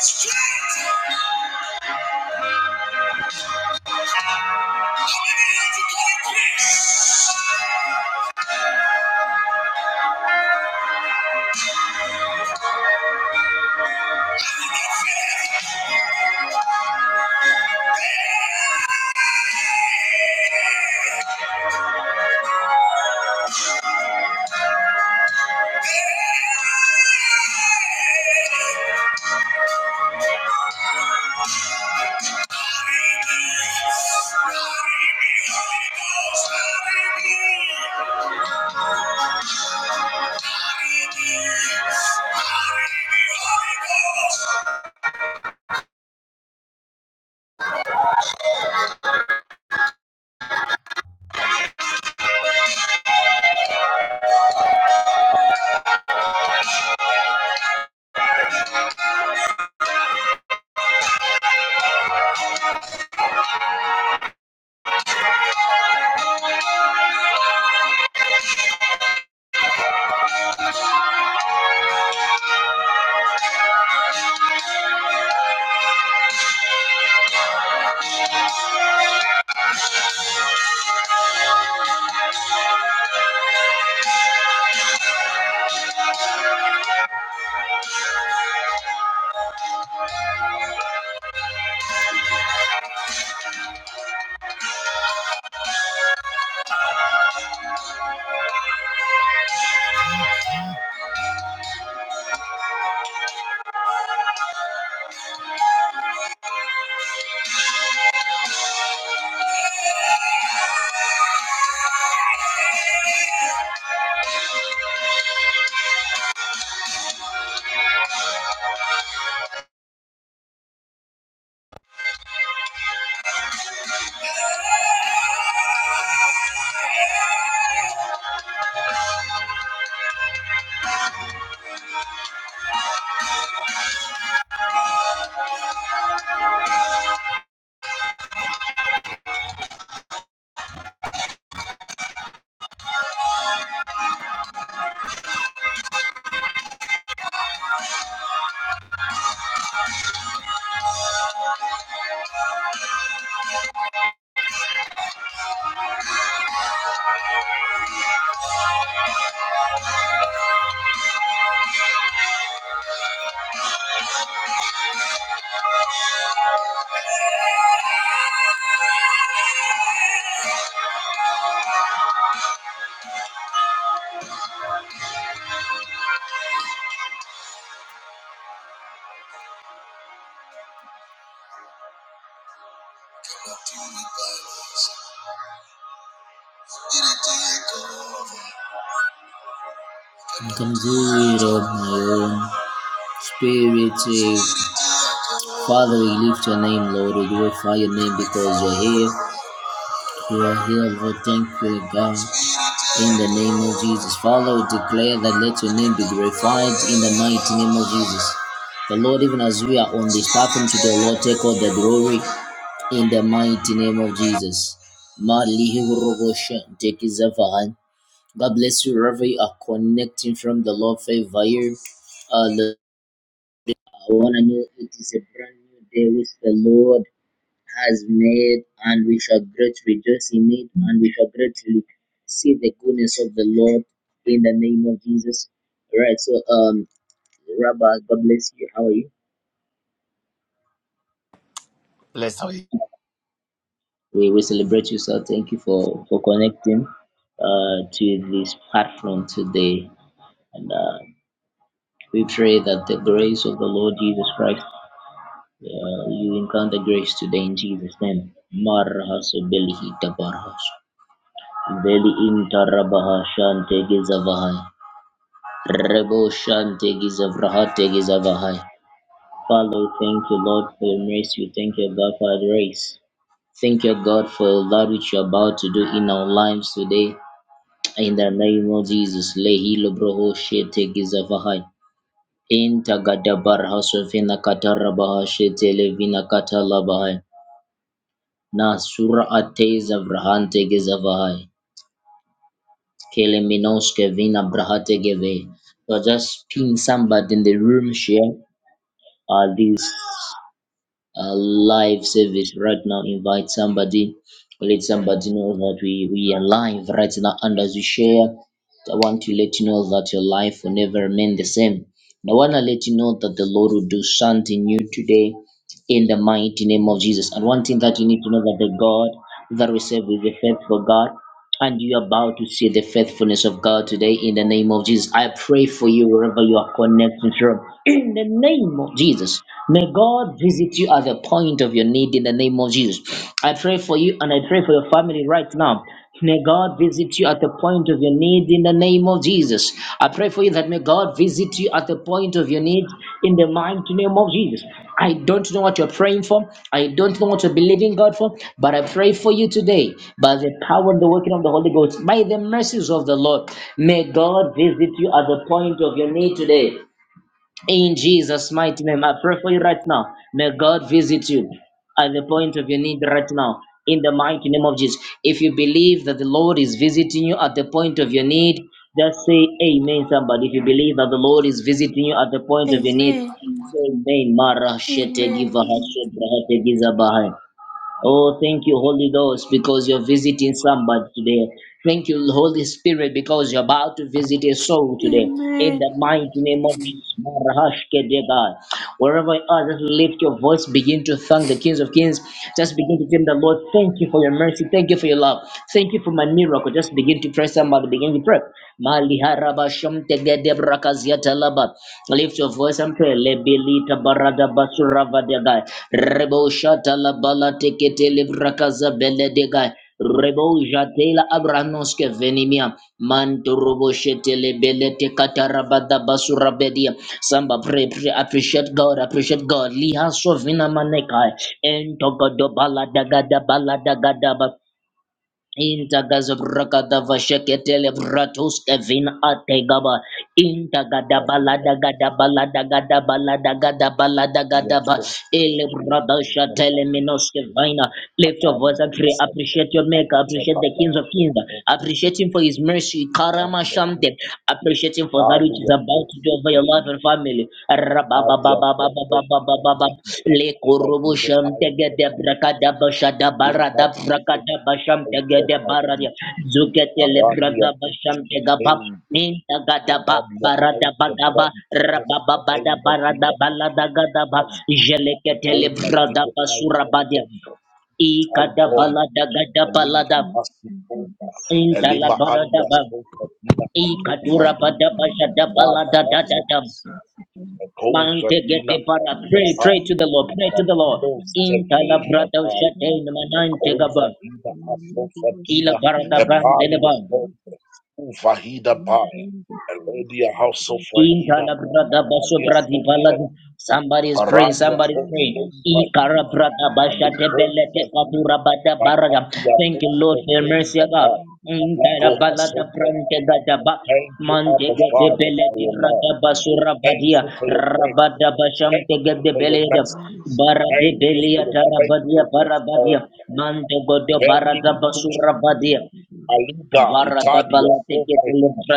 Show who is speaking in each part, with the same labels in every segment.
Speaker 1: Strength! I'm going to get to Yeah. conceived of my own spirit. say, Father, we lift your name, Lord. We glorify your name because you're here. You are here, Lord. Thank you, God. In the name of Jesus. Father, we declare that let your name be glorified in the mighty name of Jesus. The Lord, even as we are on this platform today, Lord, take all the glory. In the mighty name of Jesus. Mali Hurobosha, Tekizavahan. God bless you wherever you are connecting from the Lord favor you. Uh, the- I want to know it is a brand new day which the Lord has made, and we shall greatly rejoice in it, and we shall greatly see the goodness of the Lord in the name of Jesus. All right, so, um, Rabbi, God bless you. How are you?
Speaker 2: Let's talk.
Speaker 1: we, we celebrate you, sir. Thank you for, for connecting uh, to this platform today. And uh, we pray that the grace of the Lord Jesus Christ, uh, you encounter grace today in Jesus' name. Marhas belihi tabarhas. Veli intarabaha shante gizavahai. Rebo shante gizavrahate gizavahai. Father, thank you, Lord, for your mercy. Thank you, God, for your grace. Thank you, God, for that which you're about to do in our lives today. In the name of Jesus, Lehilo Broho Shete Gizavahai. In Tagadabar Hasofina Katarabaha Shete Levina Katalabahai. Nasura Ateza Vrahante Gizavahai. Keleminoske Vina Brahate Geve. So just ping somebody in the room share. uh, this uh, live service right now. Invite somebody, let somebody know that we, we are live right now. And as you share, I want to let you know that your life will never remain the same. And I want to let you know that the Lord will do something new today in the mighty name of Jesus. And one thing that you need to know that the God that we serve is a faithful God. And you are about to see the faithfulness of God today in the name of Jesus. I pray for you wherever you are connected from. In the name of Jesus. May God visit you at the point of your need in the name of Jesus. I pray for you and I pray for your family right now. May God visit you at the point of your need in the name of Lord Jesus. I pray for you that may God visit you at the point of your need in the mighty name of Jesus. I don't know what you're praying for. I don't know what you're believing God for, but I pray for you today by the power and the working of the Holy Ghost, by the mercies of the Lord. May God visit you at the point of your need today. In Jesus' mighty name, I pray for you right now. May God visit you at the point of your need right now. In the mighty name of Jesus. If you believe that the Lord is visiting you at the point of your need, just say amen, somebody. If you believe that the Lord is visiting you at the point of your need,
Speaker 3: Amen.
Speaker 1: say amen. Mara shete
Speaker 3: Amen.
Speaker 1: giva ha shete ha te giza bahai. Oh, thank you, Holy Ghost, because you're visiting somebody today. Thank you, Holy Spirit, because you're about to visit a soul today. In
Speaker 3: Amen.
Speaker 1: the mighty name of Jesus, Marahashkedega. wherever you are, just lift your voice, begin to thank the Kings of Kings. Just begin to tell the Lord, thank you for your mercy, thank you for your love, thank you for my miracle. Just begin to pray somebody, begin to pray. Maliharabashamtegedebrakazyatalaba. Lift your voice and pray. Lebelita barada basura vadegai. Rebo shata la bala tekete livrakaza beledegai. Rebo jatela abranoske venimia. Manturobo shete lebelete katarabada basura bedia. Samba pray, pray, appreciate God, appreciate God. Liha sovina manekai. Entogodo bala dagada bala dagada Intagazabragadavasheketele bratuske vin ategaba. Intagada
Speaker 4: Marinda
Speaker 1: Balada Gada Balada Gada Balada Gada Balada
Speaker 4: Mafumiya
Speaker 1: Gada ba.
Speaker 4: Fofo
Speaker 1: Ele
Speaker 4: Fene Kuja
Speaker 1: bradashatele
Speaker 4: Bali
Speaker 1: minoske vina. Lift your voice and
Speaker 4: Abando
Speaker 1: pray. Appreciate
Speaker 4: Sefedi
Speaker 1: your maker.
Speaker 4: Anja
Speaker 1: Appreciate the kings of
Speaker 4: Balabia
Speaker 1: kings.
Speaker 4: Fofo Vina
Speaker 1: Appreciate him for his mercy. Karama
Speaker 4: Manda
Speaker 1: shamte.
Speaker 4: Kufu
Speaker 1: Appreciate him for that which
Speaker 4: Ali
Speaker 1: is
Speaker 4: ya
Speaker 1: about to
Speaker 4: Fofo
Speaker 1: do over your life
Speaker 4: Veni
Speaker 1: and family.
Speaker 4: Ali ya Fofo Vina
Speaker 1: Rabababababababababab.
Speaker 4: Mando Kuja Dive
Speaker 1: Lekoroboshem
Speaker 4: Anja
Speaker 1: tegede
Speaker 4: Bali
Speaker 1: brakada bashada
Speaker 4: Vina
Speaker 1: barada
Speaker 4: Fofo
Speaker 1: brakada basham
Speaker 4: Vina Anja
Speaker 1: tegede
Speaker 4: Bali
Speaker 1: baradia. Zukete
Speaker 4: Arani
Speaker 1: lebrada
Speaker 4: ya
Speaker 1: basham
Speaker 4: Fofo
Speaker 1: tegabab.
Speaker 4: Veni
Speaker 1: Minta gadaba
Speaker 4: Melania
Speaker 1: barada
Speaker 4: Anja
Speaker 1: badaba
Speaker 4: Brandi Nesta
Speaker 1: rabababada
Speaker 4: Enda
Speaker 1: barada
Speaker 4: Vida
Speaker 1: balada gadaba
Speaker 4: Atu
Speaker 1: jelekete
Speaker 4: over
Speaker 1: lebrada
Speaker 4: diese
Speaker 1: basura
Speaker 4: alte
Speaker 1: badia.
Speaker 4: hombres,
Speaker 1: Ikada
Speaker 4: Taitom,
Speaker 1: balada gada
Speaker 4: Elim,
Speaker 1: balada.
Speaker 5: Thank you.
Speaker 4: Asipova,
Speaker 1: Inta la
Speaker 4: Elima
Speaker 1: barada
Speaker 4: Anda,
Speaker 1: ba.
Speaker 4: Sofa, Dina, Atova,
Speaker 1: Ikatura
Speaker 4: Hi,
Speaker 1: bada bashada
Speaker 4: Laba,
Speaker 1: balada da da da.
Speaker 4: Basofa, Ekova,
Speaker 1: Mante gete
Speaker 4: Dina,
Speaker 1: para. Pray, pray
Speaker 4: Aiteba,
Speaker 1: to the Lord, pray to the Lord.
Speaker 4: Babido,
Speaker 1: Inta la
Speaker 4: Stevein,
Speaker 1: brada
Speaker 4: Daban,
Speaker 1: shate manante gaba.
Speaker 4: Ekova, Dina, Asofa,
Speaker 1: Ila
Speaker 4: Dina,
Speaker 1: barada
Speaker 4: Epalia,
Speaker 1: ban
Speaker 4: Hombres, Uvahida, Ba, Eledia, House of Vahida, Arabia, Kova,
Speaker 1: Somebody is praying,
Speaker 4: Arabia,
Speaker 1: somebody is praying.
Speaker 4: Kova, alibonza dia
Speaker 1: Ikarabradabashatebeletekapurabadabaraga.
Speaker 4: matambi ya
Speaker 1: Thank you, Lord,
Speaker 4: posto
Speaker 1: for your mercy,
Speaker 4: venga
Speaker 1: O God.
Speaker 4: ba we go haso for
Speaker 1: Intarabaladabrankedadaba.
Speaker 4: thank you abba
Speaker 5: Thank
Speaker 4: father for your
Speaker 5: you.
Speaker 4: love thank
Speaker 1: Mantegadebeledibradabasurabadiya. Rabadabashamtegedebeleda.
Speaker 4: you
Speaker 1: Baradebeliyatarabadiya, Basura Badia.
Speaker 4: for your grace
Speaker 1: rabada basham
Speaker 4: thank
Speaker 1: tega
Speaker 4: you
Speaker 1: de
Speaker 4: for your
Speaker 1: bele de
Speaker 4: mercy
Speaker 1: bara de
Speaker 4: thank you for
Speaker 1: belia
Speaker 4: your
Speaker 1: tarabadia
Speaker 4: faithfulness
Speaker 1: barabadia
Speaker 4: of
Speaker 1: mantego de barada
Speaker 4: vending kush
Speaker 1: basura badia
Speaker 4: aliga italia sofra hida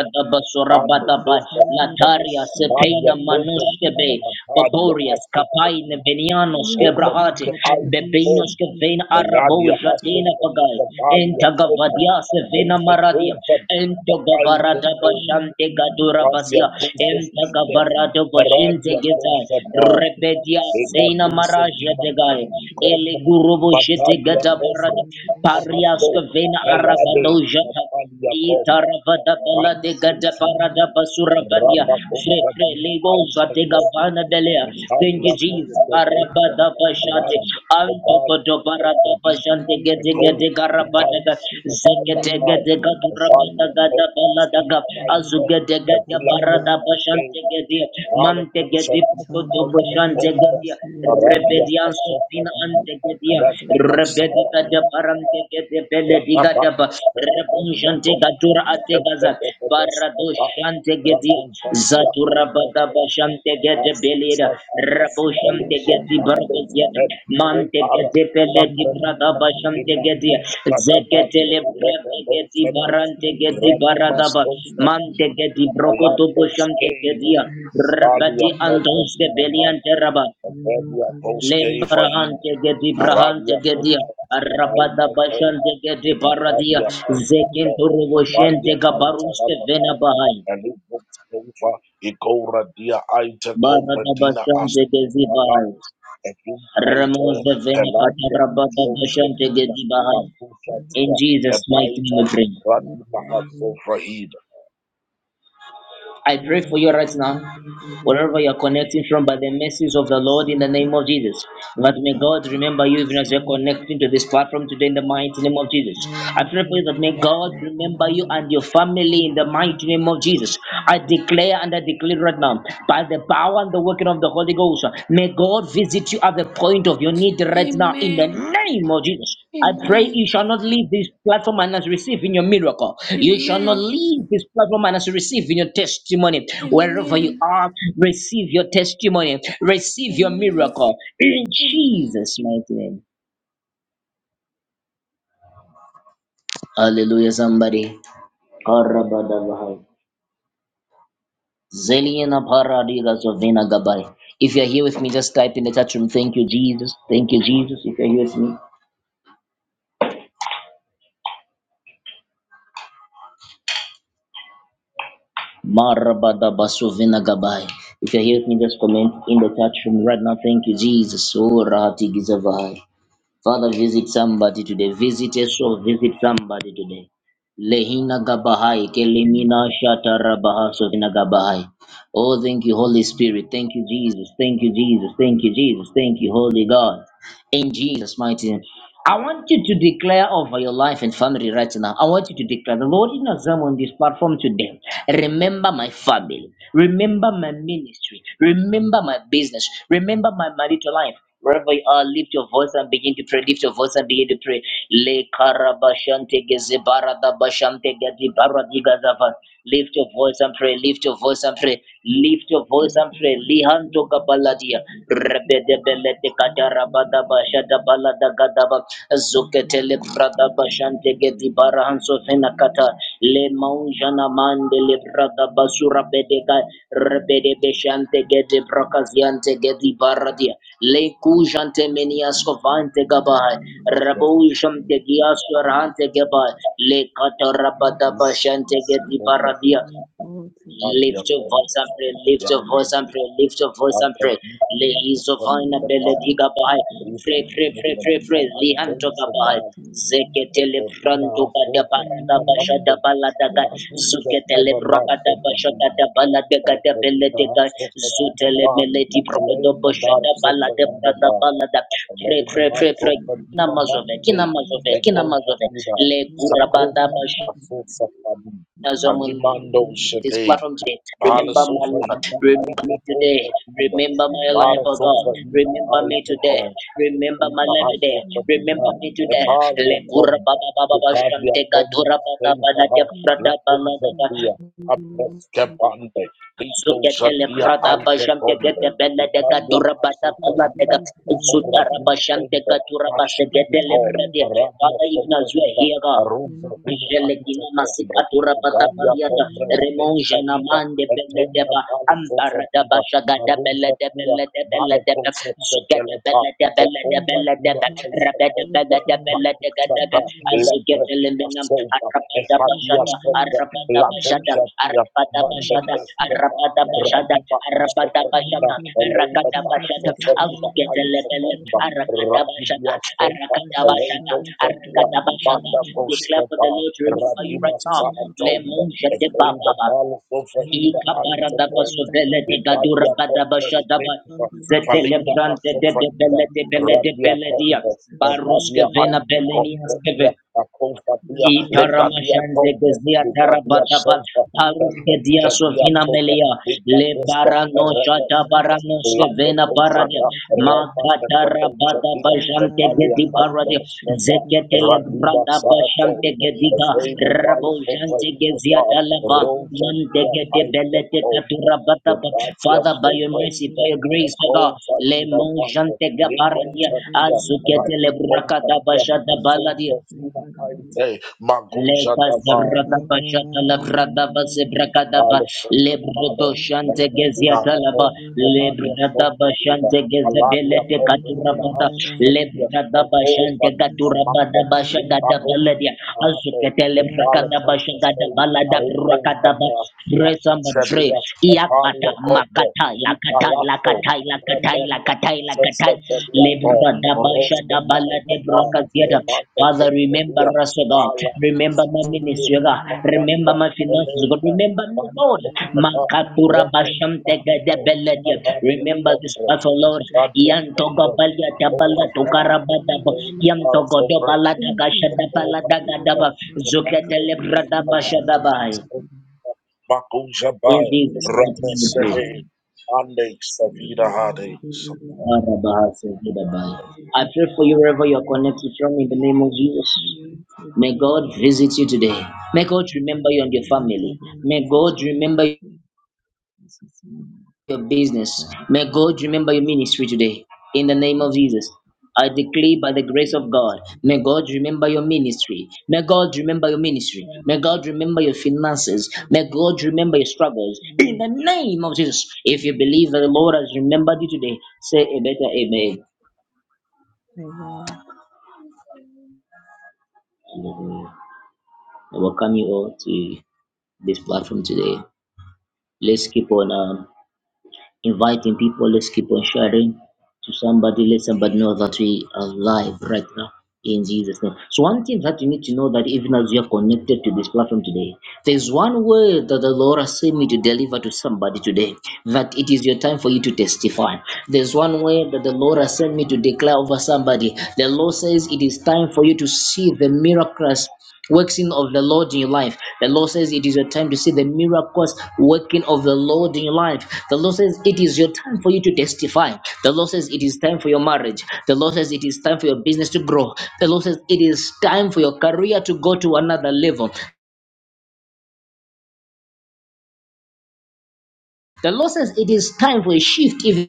Speaker 4: bando sofra hida
Speaker 1: Lataria
Speaker 4: anadia
Speaker 1: Sepena
Speaker 4: cobra
Speaker 1: Manuskebe
Speaker 4: dina matadia
Speaker 1: Boborias
Speaker 4: haso
Speaker 1: Kapaine Venianos
Speaker 4: over
Speaker 1: Kebrahate
Speaker 4: the eyes
Speaker 1: Bebinos
Speaker 4: home.
Speaker 1: Kevena
Speaker 4: The
Speaker 1: Arabo
Speaker 4: Ladia Asset
Speaker 1: Jatena
Speaker 4: of
Speaker 1: Pagai
Speaker 4: the Balia Kome,
Speaker 1: Entagavadia
Speaker 4: and
Speaker 1: Sevena
Speaker 4: those are
Speaker 1: Maradia
Speaker 4: over
Speaker 1: Ento
Speaker 4: the eyes
Speaker 1: gavarada
Speaker 4: home.
Speaker 1: bashante gadura
Speaker 4: Balia
Speaker 1: vasia.
Speaker 4: Kosa
Speaker 1: Enta
Speaker 4: Vida,
Speaker 1: gavarado bashinte
Speaker 4: Paradia
Speaker 1: gezai.
Speaker 4: Kosa Ba,
Speaker 1: Rebedia
Speaker 4: Lega
Speaker 1: seina
Speaker 4: Dusa
Speaker 1: maraja
Speaker 4: Dina Ait
Speaker 1: tegai. Ele
Speaker 4: Kome,
Speaker 1: guru boshete
Speaker 5: I
Speaker 4: Batadia
Speaker 1: gata
Speaker 5: bless
Speaker 1: barada.
Speaker 4: Kome,
Speaker 5: and worship you,
Speaker 1: Pariaska
Speaker 4: Tahaso,
Speaker 5: for
Speaker 1: vena
Speaker 5: goodness
Speaker 1: arabado
Speaker 5: and
Speaker 4: Palade,
Speaker 5: truth.
Speaker 1: jata.
Speaker 4: Sapalia Kome,
Speaker 1: Itaravada
Speaker 5: I
Speaker 1: bala
Speaker 4: Banda
Speaker 1: de
Speaker 5: exalt
Speaker 1: gada
Speaker 4: Kosa
Speaker 5: your name,
Speaker 1: parada
Speaker 5: I
Speaker 1: basura
Speaker 4: Ba,
Speaker 5: glorify
Speaker 1: vadia.
Speaker 5: your
Speaker 4: Rabba
Speaker 5: name.
Speaker 4: Kosa
Speaker 1: Fefre
Speaker 4: Dina
Speaker 1: lego
Speaker 5: I
Speaker 1: zate
Speaker 4: Ait
Speaker 5: bless your
Speaker 1: gavana belea.
Speaker 5: faithfulness, there
Speaker 1: Thank you,
Speaker 5: is
Speaker 4: Mitadia
Speaker 5: none
Speaker 1: Jesus.
Speaker 4: Costa
Speaker 5: like you
Speaker 4: Venta,
Speaker 1: Parabada
Speaker 5: compared
Speaker 1: bashate.
Speaker 5: unto you.
Speaker 4: Aladia,
Speaker 1: Anto bodo
Speaker 4: Obalia,
Speaker 1: parada
Speaker 4: Obradina,
Speaker 5: May
Speaker 1: bashante
Speaker 5: your
Speaker 1: gede
Speaker 5: name
Speaker 1: gede
Speaker 4: Megova,
Speaker 5: be
Speaker 1: garabada
Speaker 4: Mitadia,
Speaker 1: ga.
Speaker 5: worshipped, may
Speaker 4: September
Speaker 5: your
Speaker 1: Zekete
Speaker 5: name
Speaker 1: gede
Speaker 4: Fire,
Speaker 5: be
Speaker 1: gata rabada
Speaker 4: Evalia,
Speaker 5: exalted.
Speaker 1: gada
Speaker 4: Ogni,
Speaker 1: bala daga.
Speaker 4: Skibidi
Speaker 5: May the
Speaker 4: Aita,
Speaker 1: Azugede
Speaker 5: Lord
Speaker 1: gede
Speaker 5: of
Speaker 4: Evila
Speaker 5: the
Speaker 1: parada
Speaker 5: land
Speaker 4: Costa
Speaker 1: bashante
Speaker 4: Venta,
Speaker 1: gede. Mante gede
Speaker 4: Malacusa Vini
Speaker 5: shall
Speaker 1: pukoto
Speaker 5: be
Speaker 4: Aita,
Speaker 5: better
Speaker 1: bashante
Speaker 5: than
Speaker 4: Combra,
Speaker 5: has
Speaker 1: gede.
Speaker 5: yet other.
Speaker 4: Paradia
Speaker 1: Rebedian Sofina
Speaker 4: Asofradina,
Speaker 1: Antegadia,
Speaker 4: Radima Saya,
Speaker 1: Rebedica de Parantega de Belediga de Ba,
Speaker 4: Ragabando, Fedelia
Speaker 1: Rebunjante
Speaker 4: Dom,
Speaker 1: Gatura
Speaker 5: Thank
Speaker 1: Ategaza,
Speaker 4: Sevede
Speaker 1: Barado
Speaker 4: Vedescopa,
Speaker 1: Shantegadia,
Speaker 4: Racusa Via
Speaker 1: Zatura
Speaker 4: Aita
Speaker 1: Badaba Shantega de
Speaker 4: Masusa
Speaker 1: Belida,
Speaker 4: Suba,
Speaker 1: Rabo
Speaker 4: Elipo
Speaker 1: Shantegadi
Speaker 4: Mando,
Speaker 1: Bargazia,
Speaker 5: you.
Speaker 4: Edipo
Speaker 1: Mantega
Speaker 4: Para,
Speaker 1: de
Speaker 5: Sunday, we
Speaker 1: Peledi
Speaker 4: Sagratima,
Speaker 1: Bradaba Shantegadia,
Speaker 4: Imando, Sadabando,
Speaker 1: Zeketele
Speaker 4: Regabo
Speaker 1: Bradegadi
Speaker 4: Sata,
Speaker 1: Barantegadi Baradaba,
Speaker 4: Rapimastosa,
Speaker 1: Mantegadi Brocotobo
Speaker 4: Alando Skate,
Speaker 1: Shantegadia,
Speaker 4: Valia
Speaker 1: Rabadi Anton
Speaker 4: Combina
Speaker 1: Sebelian
Speaker 4: Mando, Velia Bosque Vahina,
Speaker 1: Lembrahante gedi brahante
Speaker 4: Aradia
Speaker 1: gedia. Rabada
Speaker 4: Cosa,
Speaker 1: bashante gedi baradia.
Speaker 4: Mkali ya hai
Speaker 1: Zekinto
Speaker 4: tala, mkali
Speaker 1: roboshente
Speaker 4: ya hai tala
Speaker 1: gabaruste vena
Speaker 4: bakari,
Speaker 1: bahai.
Speaker 4: elibut kova, ikora dia aite kobra
Speaker 1: Barada
Speaker 4: dina
Speaker 1: bashante
Speaker 4: astu
Speaker 1: gezi bahai.
Speaker 4: palatus, evum aito,
Speaker 1: Ramos de vena kata
Speaker 4: peladia,
Speaker 1: rabada
Speaker 4: sos
Speaker 1: bashante
Speaker 4: gevida,
Speaker 1: gezi bahai.
Speaker 4: bakusa
Speaker 1: In
Speaker 4: tia,
Speaker 1: Jesus' mighty name
Speaker 4: ebaita,
Speaker 1: we pray.
Speaker 4: radina haso frahida.
Speaker 1: I pray for you right now, wherever you're connecting from, by the message of the Lord in the name of Jesus. That may
Speaker 5: back
Speaker 1: God
Speaker 5: in
Speaker 1: remember you even as you're connecting to this
Speaker 5: the
Speaker 1: platform today in the mighty name of Jesus.
Speaker 5: Thank
Speaker 1: I pray for you that may God remember you and your family in the mighty name of Jesus. I declare and I declare right now, by the power and the working of the Holy Ghost, may God visit you at the point of your need right now in the
Speaker 3: Amen.
Speaker 1: name of Jesus. I pray
Speaker 3: Amen.
Speaker 1: you shall not leave this platform and not receive in your miracle. You shall not
Speaker 3: Amen.
Speaker 1: leave this platform and not receive in your testimony. Wherever you
Speaker 3: Amen.
Speaker 1: are, receive your testimony, receive your
Speaker 3: Amen.
Speaker 1: miracle in
Speaker 3: Amen.
Speaker 1: Jesus' mighty name. Hallelujah, somebody. Karabadabahai. Zelina paradiga zovina gabai. If you're here with me, just type in the chat room. Thank you, Jesus. Thank you, Jesus. If you're here with me, Marabada basovena gabai. If you're here with me, just comment in the chat room right now. Thank you, Jesus. Oh, rahati gizavai. Father, visit somebody today. Visit a soul. Visit somebody today. Lehina gabahai. Kelemina shata rabaha sovena gabahai. Oh, thank you, Holy Spirit. Thank you, Jesus. Thank you, Jesus. Thank you, Jesus. Thank you, Holy God. In Jesus' mighty name. I want you to declare over your life and family right now. I want you to declare the Lord in exam on this platform today. Remember my family. Remember my ministry. Remember my business. Remember my marital life. Wherever you are, lift your voice and begin to pray. Lift your voice and begin to pray. Le karabashante gezebarada bashante gadi baradiga zava. Lift your voice and pray. Lift your voice voice and pray. Lift your voice and pray. Lihanto gabaladia. Rebede belete katarabadaba shadabalada gadaba. Zuketele bradaba bashante gedi barahanso fenakata. Le maunjana mande le bradaba surabedega. Rebede beshante gedi brakaziante gedi baradia. Le kujante meniasko vante gabaha.
Speaker 4: Yes,
Speaker 1: Rabusham te giasko
Speaker 4: aita,
Speaker 1: rante gabaha. Le
Speaker 4: elum
Speaker 1: katarabadaba shante gedi
Speaker 4: kobra
Speaker 1: baradia.
Speaker 4: dina, adia
Speaker 1: Lift your voice
Speaker 4: kobra,
Speaker 1: and pray, lift your
Speaker 4: idaiti,
Speaker 1: voice and
Speaker 5: you.
Speaker 1: pray, lift your voice and
Speaker 4: abra
Speaker 1: pray.
Speaker 4: dina,
Speaker 1: Lehizo
Speaker 4: kobra
Speaker 1: vaina
Speaker 5: Hasiya
Speaker 4: dina ba,
Speaker 1: belediga bahai.
Speaker 5: tawude
Speaker 4: eva
Speaker 1: Pray, pray,
Speaker 4: haso
Speaker 1: pray, pray,
Speaker 4: frahida
Speaker 1: pray.
Speaker 5: kadavide
Speaker 1: Lihanto
Speaker 5: hasiya
Speaker 4: aite
Speaker 1: gabahai.
Speaker 5: tawude yan
Speaker 1: Zeketele
Speaker 4: Rekodina
Speaker 1: branto bada barada
Speaker 4: asohadina
Speaker 1: bashada
Speaker 4: bambo.
Speaker 1: baladaga.
Speaker 5: kadavide
Speaker 4: Raduja
Speaker 1: Zuketele
Speaker 5: sadavide ya
Speaker 1: brakada
Speaker 4: fenomaso
Speaker 5: kadavide
Speaker 4: badina.
Speaker 1: bashada baladaga da
Speaker 4: Rakodina
Speaker 1: beledega.
Speaker 4: asohadina
Speaker 1: Zutele
Speaker 4: ba.
Speaker 1: meledi
Speaker 5: kadavide
Speaker 1: brokodo
Speaker 4: Elena bar
Speaker 1: bashada balada
Speaker 4: sofadina
Speaker 1: brada
Speaker 4: ba.
Speaker 1: balada. Pray,
Speaker 4: Elena
Speaker 1: pray, pray, pray.
Speaker 5: sadavide
Speaker 1: Kina
Speaker 4: masofadina ba.
Speaker 1: mazove, kina
Speaker 4: Hey,
Speaker 5: dadavide
Speaker 1: mazove, kina mazove.
Speaker 4: legovadina.
Speaker 1: Le
Speaker 5: ipo kadavide
Speaker 1: kurabada bashada
Speaker 4: Sakovi
Speaker 5: kadavide kadavide
Speaker 4: asosafadi.
Speaker 1: zomun
Speaker 4: Alimando
Speaker 1: this
Speaker 4: shade.
Speaker 1: platform today.
Speaker 4: Bala
Speaker 1: Remember my
Speaker 5: sadavide kadavide kadavide
Speaker 1: life.
Speaker 4: sofadina
Speaker 5: sadavide
Speaker 1: Remember
Speaker 4: aite
Speaker 1: me today.
Speaker 4: kovadina.
Speaker 1: Remember my life,
Speaker 4: Bara
Speaker 1: oh God.
Speaker 4: sofadina
Speaker 1: Remember me
Speaker 4: aite
Speaker 1: today. Remember my life today.
Speaker 4: Ipahasopadina,
Speaker 1: Remember me today.
Speaker 4: Epalia
Speaker 1: Lekura
Speaker 4: Pomba,
Speaker 1: baba baba baba
Speaker 4: Lucadia
Speaker 1: shante
Speaker 4: Pomba,
Speaker 1: gadura baba bala de
Speaker 4: Stavaha, La
Speaker 1: prada bala
Speaker 4: Pomza
Speaker 1: daga
Speaker 4: Dia,
Speaker 5: kadavide
Speaker 4: Abreskepande, Lito
Speaker 1: zukete
Speaker 5: We
Speaker 1: le
Speaker 4: Shatia
Speaker 1: prada baba
Speaker 5: have
Speaker 4: Aito
Speaker 1: shante
Speaker 4: Pomba,
Speaker 1: gede bela de
Speaker 4: Lucadia
Speaker 1: gadura baba bala daga
Speaker 4: Asofahida, Epora
Speaker 1: zutara baba
Speaker 4: Dina
Speaker 1: shante
Speaker 4: Pomba,
Speaker 1: gadura baba
Speaker 4: Bashi
Speaker 1: sekete le
Speaker 4: Duko,
Speaker 1: prada.
Speaker 4: Arabia
Speaker 1: Father, even as we are
Speaker 4: Sofahida,
Speaker 1: here, God.
Speaker 4: Aruza Vini
Speaker 1: Angelikina
Speaker 4: Aito Pomba,
Speaker 1: masikatura
Speaker 4: Lucadia
Speaker 1: patapaliata
Speaker 4: Pomba,
Speaker 1: remon na
Speaker 4: Stavahida,
Speaker 1: mande belle
Speaker 4: Etenda
Speaker 1: deba
Speaker 4: Bala
Speaker 1: ambara deba
Speaker 4: Sofahida,
Speaker 1: shagada belle
Speaker 4: Aruza
Speaker 1: de
Speaker 4: Dia,
Speaker 1: belle de belle deba zugada
Speaker 4: Malakosefahida,
Speaker 1: belle de belle de
Speaker 4: Bekova
Speaker 1: belle
Speaker 4: Duma
Speaker 1: deba rabada belle
Speaker 4: Aitavota,
Speaker 1: de belle de gada de
Speaker 4: Bakushata,
Speaker 1: azugada
Speaker 4: Lebretina
Speaker 1: limbinam
Speaker 4: Sova,
Speaker 1: arabada
Speaker 4: Ehadia
Speaker 1: bashada
Speaker 4: Sova,
Speaker 1: arabada bashada
Speaker 4: Lagozatia,
Speaker 1: arabada
Speaker 4: Mande
Speaker 1: bashada
Speaker 4: Kosteva,
Speaker 1: arabada bashada
Speaker 4: Radima
Speaker 1: arabada
Speaker 4: Asofadina,
Speaker 1: bashada
Speaker 4: Eleva
Speaker 1: arakada bashada
Speaker 4: Barsofadina
Speaker 1: azugada lebele
Speaker 4: Aitavota,
Speaker 1: arakada bashada
Speaker 4: Radibia Sova,
Speaker 1: arakada bashada
Speaker 4: Eleva Zatia,
Speaker 1: arakada bashada
Speaker 4: Banda
Speaker 1: Declare for the
Speaker 4: Kosteva,
Speaker 1: Lord to
Speaker 5: Yes,
Speaker 1: remember you
Speaker 4: Radima
Speaker 1: right now.
Speaker 4: Sanatombe,
Speaker 1: Lemon shete
Speaker 4: Ekreda
Speaker 1: bababa.
Speaker 4: Balsofahida
Speaker 1: Ikapara da
Speaker 4: Aitavota,
Speaker 1: basovele de
Speaker 5: you
Speaker 1: gadura
Speaker 4: Vidadia
Speaker 1: badaba
Speaker 4: Pompe
Speaker 5: Thank you.
Speaker 4: Spinva,
Speaker 5: thy
Speaker 4: Falina
Speaker 1: Zetelebrante
Speaker 5: Father,
Speaker 1: de de
Speaker 5: the
Speaker 4: Asofahida,
Speaker 5: God
Speaker 1: bele
Speaker 5: of
Speaker 1: de
Speaker 5: heaven.
Speaker 1: bele de
Speaker 4: Radia
Speaker 1: bele dia.
Speaker 4: Combe,
Speaker 5: Sensible
Speaker 1: Baruske
Speaker 4: Metadia
Speaker 5: to thy
Speaker 1: vena
Speaker 4: Aita
Speaker 5: Father, the
Speaker 1: belenia
Speaker 5: Lord.
Speaker 1: skeve.
Speaker 4: Combedia,
Speaker 5: Let
Speaker 4: Acofadia,
Speaker 5: the better
Speaker 4: Legadia
Speaker 5: be
Speaker 1: Itaramashante
Speaker 4: Tombe,
Speaker 1: kezia
Speaker 5: the
Speaker 4: Lugadia
Speaker 1: tarabadaba
Speaker 4: Sofa,
Speaker 5: Let the
Speaker 1: paruske
Speaker 4: Tembe,
Speaker 1: dia
Speaker 4: Kedia
Speaker 1: sovina
Speaker 4: Tobe,
Speaker 1: melia le
Speaker 4: Ligadesta,
Speaker 1: barano shada
Speaker 4: Redesta,
Speaker 1: barano
Speaker 5: better
Speaker 4: Lato
Speaker 1: sevena
Speaker 5: be
Speaker 1: baradia
Speaker 4: Cosada,
Speaker 5: the Lord.
Speaker 4: Ramanda
Speaker 1: makatara bada
Speaker 4: Cadosadia,
Speaker 1: bajante
Speaker 5: Santa, the
Speaker 4: Italia
Speaker 1: gedi
Speaker 5: Father,
Speaker 1: baradia
Speaker 4: Kaitos,
Speaker 5: bless you, the
Speaker 4: Saba,
Speaker 1: zeketele
Speaker 5: God
Speaker 4: Radima
Speaker 1: brada
Speaker 4: Sato,
Speaker 1: bajante
Speaker 5: of the
Speaker 1: gediga
Speaker 5: poor or
Speaker 4: Veda
Speaker 5: the
Speaker 1: rabo
Speaker 4: Balfo,
Speaker 5: helpless.
Speaker 1: jante
Speaker 4: Vaina
Speaker 1: gezia
Speaker 4: Ba,
Speaker 5: Let
Speaker 1: talaba
Speaker 5: the poor
Speaker 4: Rosa
Speaker 5: be
Speaker 1: mante
Speaker 4: Dia
Speaker 1: gede
Speaker 4: Aita
Speaker 5: the
Speaker 1: belete katura
Speaker 4: Combe,
Speaker 1: bada ba.
Speaker 4: Lugadia
Speaker 1: Father
Speaker 5: Father,
Speaker 1: by
Speaker 5: the
Speaker 1: your
Speaker 4: Sofa,
Speaker 5: Lord.
Speaker 1: mercy by
Speaker 4: Ida,
Speaker 1: your grace O God
Speaker 4: Acofa,
Speaker 1: le
Speaker 4: Ida Panda,
Speaker 1: mojante
Speaker 5: And let
Speaker 1: gabaradia
Speaker 5: the better be
Speaker 4: Lekojadia,
Speaker 5: the
Speaker 1: azuketele brakada
Speaker 4: Radukojadia,
Speaker 1: bajada baladia
Speaker 4: Asovazina
Speaker 5: Father, the Lord.
Speaker 4: Aite, Magoja
Speaker 1: Leka
Speaker 5: Santa,
Speaker 4: Dava,
Speaker 1: zabrada bashata
Speaker 5: the Father,
Speaker 1: labrada
Speaker 5: the
Speaker 1: base
Speaker 5: Lord.
Speaker 1: brakada ba
Speaker 4: Alessandro
Speaker 1: lebrodo
Speaker 4: Fale,
Speaker 5: Thank
Speaker 1: shante
Speaker 5: you.
Speaker 4: Legrandina
Speaker 1: geziata laba
Speaker 4: Hato, Renania
Speaker 1: lebrada
Speaker 4: Sovaida,
Speaker 1: bashante
Speaker 4: Aladia
Speaker 1: gezebelete katura
Speaker 4: Cobratina
Speaker 1: bada
Speaker 4: Hasha Sadia,
Speaker 1: lebrada
Speaker 4: and Cole
Speaker 1: bashante
Speaker 4: Fatina
Speaker 1: katura bada
Speaker 4: Manda,
Speaker 1: bashaga da
Speaker 4: Libaro
Speaker 1: baladia
Speaker 4: Fatina Hate,
Speaker 1: azukete
Speaker 4: and Dale
Speaker 1: lebrakada bashaga da
Speaker 4: Consiste,
Speaker 1: balada
Speaker 4: Aribo
Speaker 1: brakada
Speaker 4: Mata,
Speaker 1: Resamba
Speaker 4: Mapucha
Speaker 1: Dre,
Speaker 4: Dia, and
Speaker 1: Iakata,
Speaker 4: Palia Cobra,
Speaker 1: Makatai, Lakatai,
Speaker 4: Italasso,
Speaker 1: Lakatai, Lakatai,
Speaker 4: Rebende,
Speaker 1: Lakatai, Lakatai,
Speaker 4: Sese Belia Go,
Speaker 1: Lebra Dabasha,
Speaker 4: Orosque
Speaker 1: Dabala,
Speaker 4: Faina
Speaker 1: Debra
Speaker 4: Ba,
Speaker 1: Kaziada.
Speaker 4: Lemante
Speaker 1: Father,
Speaker 4: Contra
Speaker 1: remember
Speaker 4: Dia,
Speaker 1: us, O God.
Speaker 4: Ala,
Speaker 1: Remember my
Speaker 4: Sustine,
Speaker 1: ministry, O God. Remember
Speaker 4: Matadia,
Speaker 1: my finances, O
Speaker 4: Elena,
Speaker 1: God. Remember me, Lord. Makatura Basham Tegade Beladia. Remember this battle, Lord. Yantoga Balia, Dabala, Tokarabadaba, Yantogo Dobala, Dagasha, Dabala, Dagadaba, Zukete Lebra Dabasha, Dabai. In
Speaker 4: Makujabai,
Speaker 1: Jesus'
Speaker 5: Amen.
Speaker 1: mighty name, we pray.
Speaker 4: Ramesede, Ande Savida Hade.
Speaker 1: Marabahasogidabaya. I pray for you wherever you are connected from in the name of Jesus. May God visit you today. May God remember you and your family. May God remember you. your business. May God remember your ministry today. In the name of Jesus. I declare by the grace of God, may God remember your ministry. May God remember your ministry. May God remember your finances. May God remember your struggles. In the name of Jesus. If you believe that the Lord has remembered you today, say a better amen. Hallelujah. I welcome you all to this platform today. Let's keep on. Um, inviting people. Let's keep on sharing to somebody. Let somebody know that we are live right now in Jesus' name. So one thing that you need to know that even as you are connected to this platform today, there's one word that the Lord has sent me to deliver to somebody today. That it is your time for you to testify. There's one word that the Lord has sent me to declare over somebody. The Lord says it is time for you to see the miracles working of the Lord in your life. The Lord says it is your time to see the miracles working of the Lord in your life. The Lord says it is your time for you to testify. The Lord says it is time for your marriage. The Lord says it is time for your business to grow. The Lord says it is time for your career to go to another level. The Lord says it is time for a shift. Even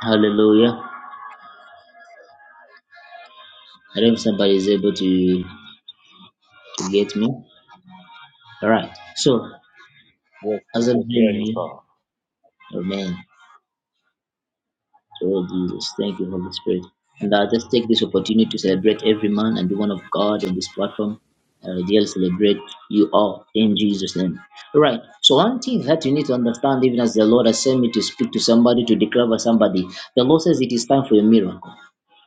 Speaker 1: Hallelujah. I don't know if somebody is able to to get me. All right. So
Speaker 4: Yes,
Speaker 1: as
Speaker 4: we
Speaker 1: I'm
Speaker 4: can hear
Speaker 1: praying
Speaker 4: you, sir.
Speaker 1: here, Amen. Oh, Jesus. Thank you, Holy Spirit. And I just take this opportunity to celebrate every man and woman of God on this platform. I really celebrate you all in Jesus' name. All right. So, one thing that you need to understand, even as the Lord has sent me to speak to somebody, to declare over somebody, the Lord says it is time for a miracle.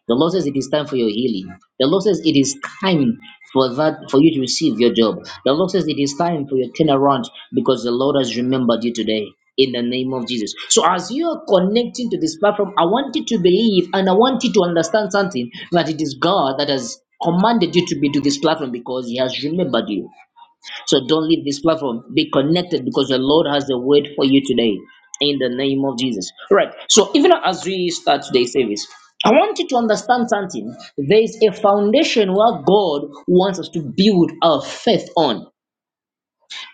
Speaker 1: The Lord says it is time for your healing. The Lord says it is time for that for you to receive your job. The Lord says it is time for your turnaround because the Lord has remembered you today. In the name of Jesus. So, as you are connecting to this platform, I want you to believe and I want you to understand something that it is God that has commanded you to be to this platform because He has remembered you. So don't leave this platform. Be connected because the Lord has a word for you today in the name of Jesus. All Right. So even as we start today's service, I want you to understand something. There is a foundation where God wants us to build our faith on.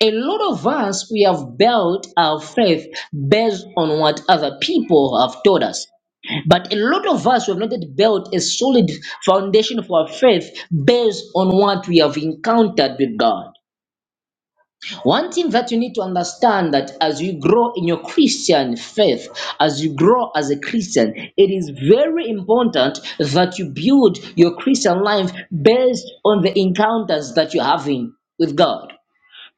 Speaker 1: A lot of us, we have built our faith based on what other people have taught us. But a lot of us we have not yet built a solid foundation for our faith based on what we have encountered with God. One thing that you need to understand that as you grow in your Christian faith, as you grow as a Christian, it is very important that you build your Christian life based on the encounters that you're having with God.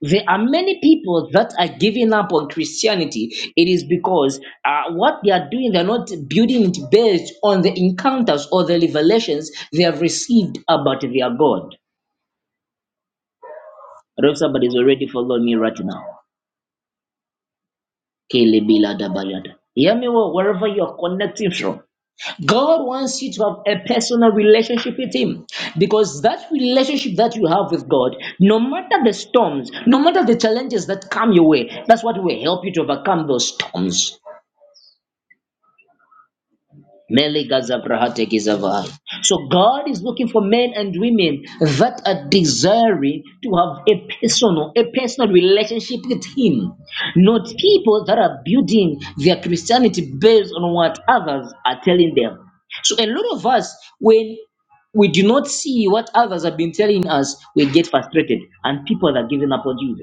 Speaker 1: There are many people that are giving up on Christianity. It is because uh, what they are doing, they're not building it based on the encounters or the revelations they have received about their God. I hope somebody's already following me right now. Kelebila dabayada. Hear me well, wherever you're connecting from. God wants you to have a personal relationship with Him because that relationship that you have with God, no matter the storms, no matter the challenges that come your way, that's what will help you to overcome those storms. Meli gaza brahate gizavai. So God is looking for men and women that are desiring to have a personal, a personal relationship with Him, not people that are building their Christianity based on what others are telling them. So a lot of us, when we do not see what others have been telling us, we get frustrated, and people are giving up on Jesus.